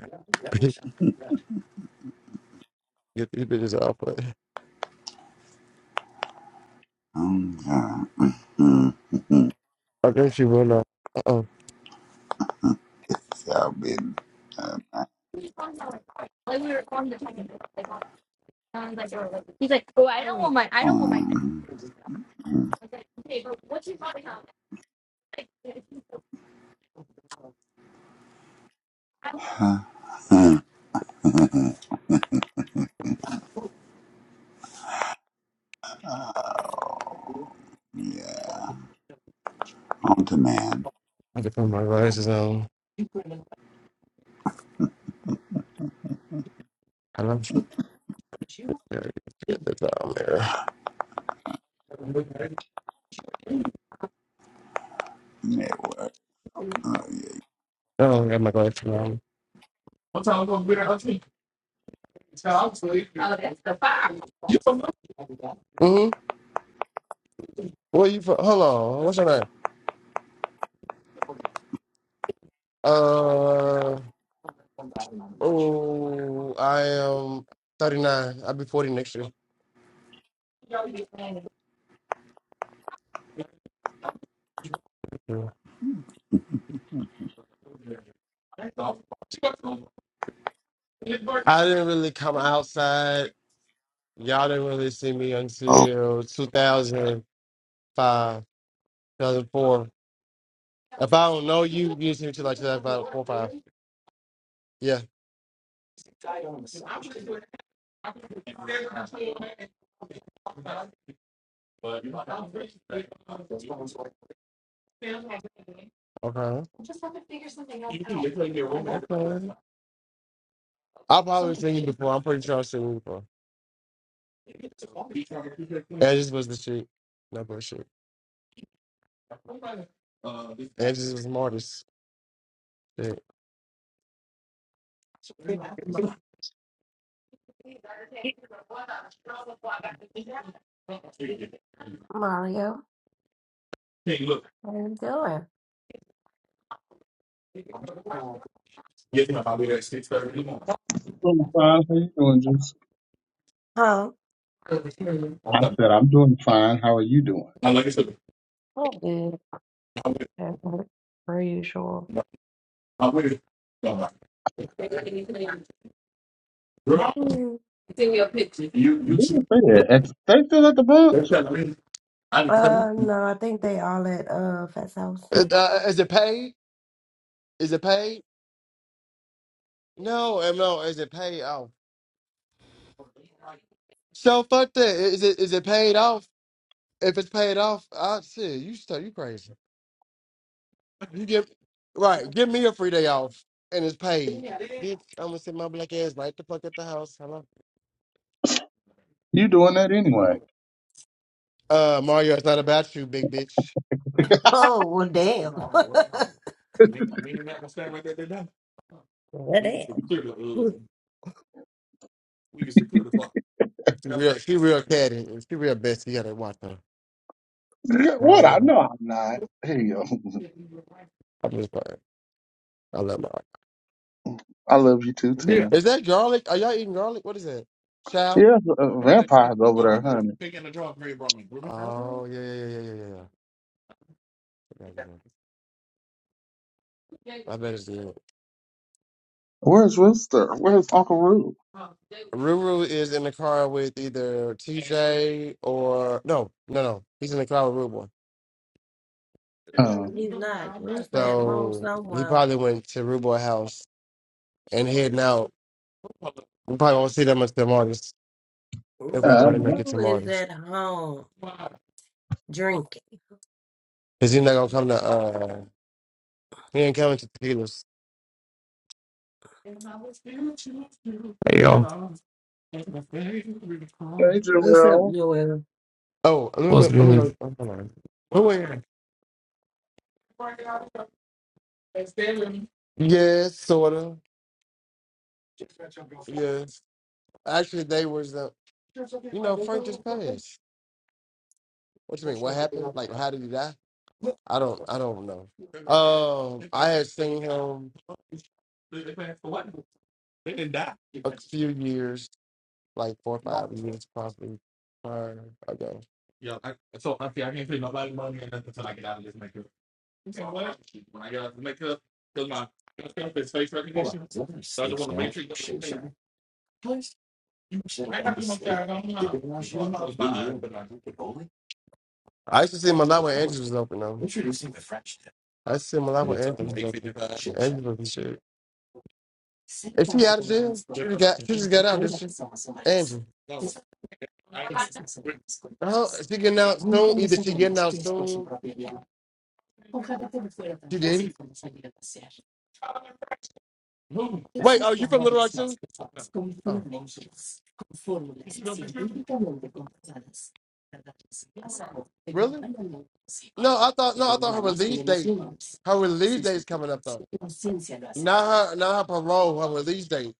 *laughs* Get these bitches off but
Mm, mm, mm, mm, mm.
I think she went off. Uh
It's all *laughs* been, uh,
oh. And I was like, oh, he's like, oh, I don't want my, I don't want my. I
mm, mm.
was like, okay, but what's your mother have? Like, I want
Huh. *laughs* Oh, yeah. On demand
I can put my glasses on. I don't yeah, forget this out there. I
network. Oh,
don't got my glasses on. all that stuff. Ah, Mm-hmm. Where you from? Hello. What's your name? Uh, oh, I am 39. I'll be 40 next year. Yeah. I didn't really come outside. Y'all didn't really see me
yeah.
until 2005, 2004. If I don't know you, you just need to like to that about four or five. Yeah. Okay. Okay. I've probably seen you before. I'm pretty sure I've seen you before. Edges was the shit. No bullshit. Edges was smartest. Shit.
*laughs* Ma- Mario?
Is,
How you doing?
uh,
doing fine. How you doing, Juice?
Huh?
I said, I'm doing fine. How are you doing?
Oh, good. As per usual. Mm,
They didn't say that. At- They still at the bunch?
Uh, no, I think they all at uh Fat's house.
is it paid? Is it paid? No, um, no. Is it paid? Oh So fuck that. Is it is it paid off? If it's paid off, I shit, you still you crazy. You give right, give me a free day off and it's paid. Bitch, I'm gonna sit my black ass right the fuck at the house. Hello.
You doing that anyway?
Uh Mario, it's not about you, big bitch.
Oh, well,
Yeah, I
damn.
know. I'm working on
*laughs*
it. Me, me and Matt gonna stand right there today.
Well,
We can
damn.
clear the uh, we can clear the clock. She real, she real catty. She real bestie. You gotta watch her.
Yeah, What? I
Mario.
know I'm not. Hey, yo! *laughs*
I'm just playing. I love Mario.
I love you too,
Yeah.
Tim.
Is that garlic? Are y'all eating garlic? What is that? Chow?
Yeah, uh,
What's that pig.
vampires over
Uh,
there,
the
honey.
pig in the jar Perry brought me. Remember?
Oh,
Oh yeah yeah yeah yeah yeah. yeah. I got it, I got it. I bet it's good.
Where's Rooster? Where's Uncle Roo?
Ruru is in the car with either TJ or no no no. He's in the car with Ruboy.
no,
Oh.
he's not. Rooster at home
So he
somewhere.
probably went to Ruboy house and heading out. We probably won't see them until Marty's.
Uh,
Everybody make it to
Roo is
Marty's
at home drinking.
because he's not gonna come to. uh He ain't coming to Tequila's.
Hey y'all,
hey,
What's up,
Joel.
Joel?
Oh, I'm gonna,
what's
put, I'm gonna
good?
go. Oh, hold on. Wait, wait. Yes, sort of. Yes. Actually, they was the. You know, Frank just passed. What you mean? What happened? Like, how did he die? I don't. I don't know. Um, I had seen him They They passed for what? They didn't die. a few years, like four or five years, probably prior ago. Yeah. I, so I see. I can't pay nobody money or nothing until I get out of this makeup. You said what? When I get out of this makeup, because my my stuff is face recognition. So I just want to make sure. I no used to see him a lot when Andrews was open though. I used to see him a lot when Andrews was open. Andrews was the shit. Is she out of jail? She just got she just got out, did she? Andrew. Oh, she getting out soon. Either she getting out soon. She didn't. Who? Wait, oh, you from Little Rock too? Oh, really? No, I thought no, I thought her release date, her release date is coming up though. Not her, not her parole, her release date.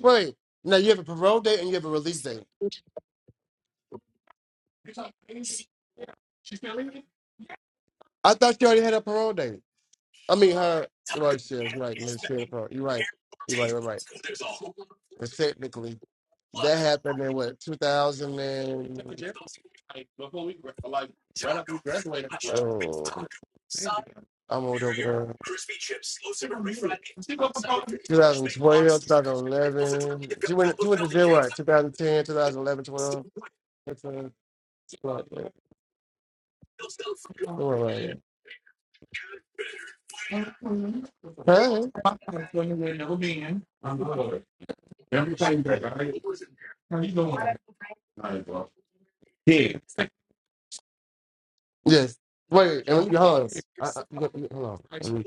Wait, now you have a parole date and you have a release date. I thought she already had a parole date. I mean, her. Right, she was right. Yeah, she had a parole. You're right. You're right. You're right. Because technically, that happened in what 2000 and. Oh. I'm old over there. 2012, 2011. She went. She went to jail. What? 2010, 2011, 12. 13, 14, Huh? Yeah. Yes. Wait, and let me hold on. I, I, wait, wait, hold on.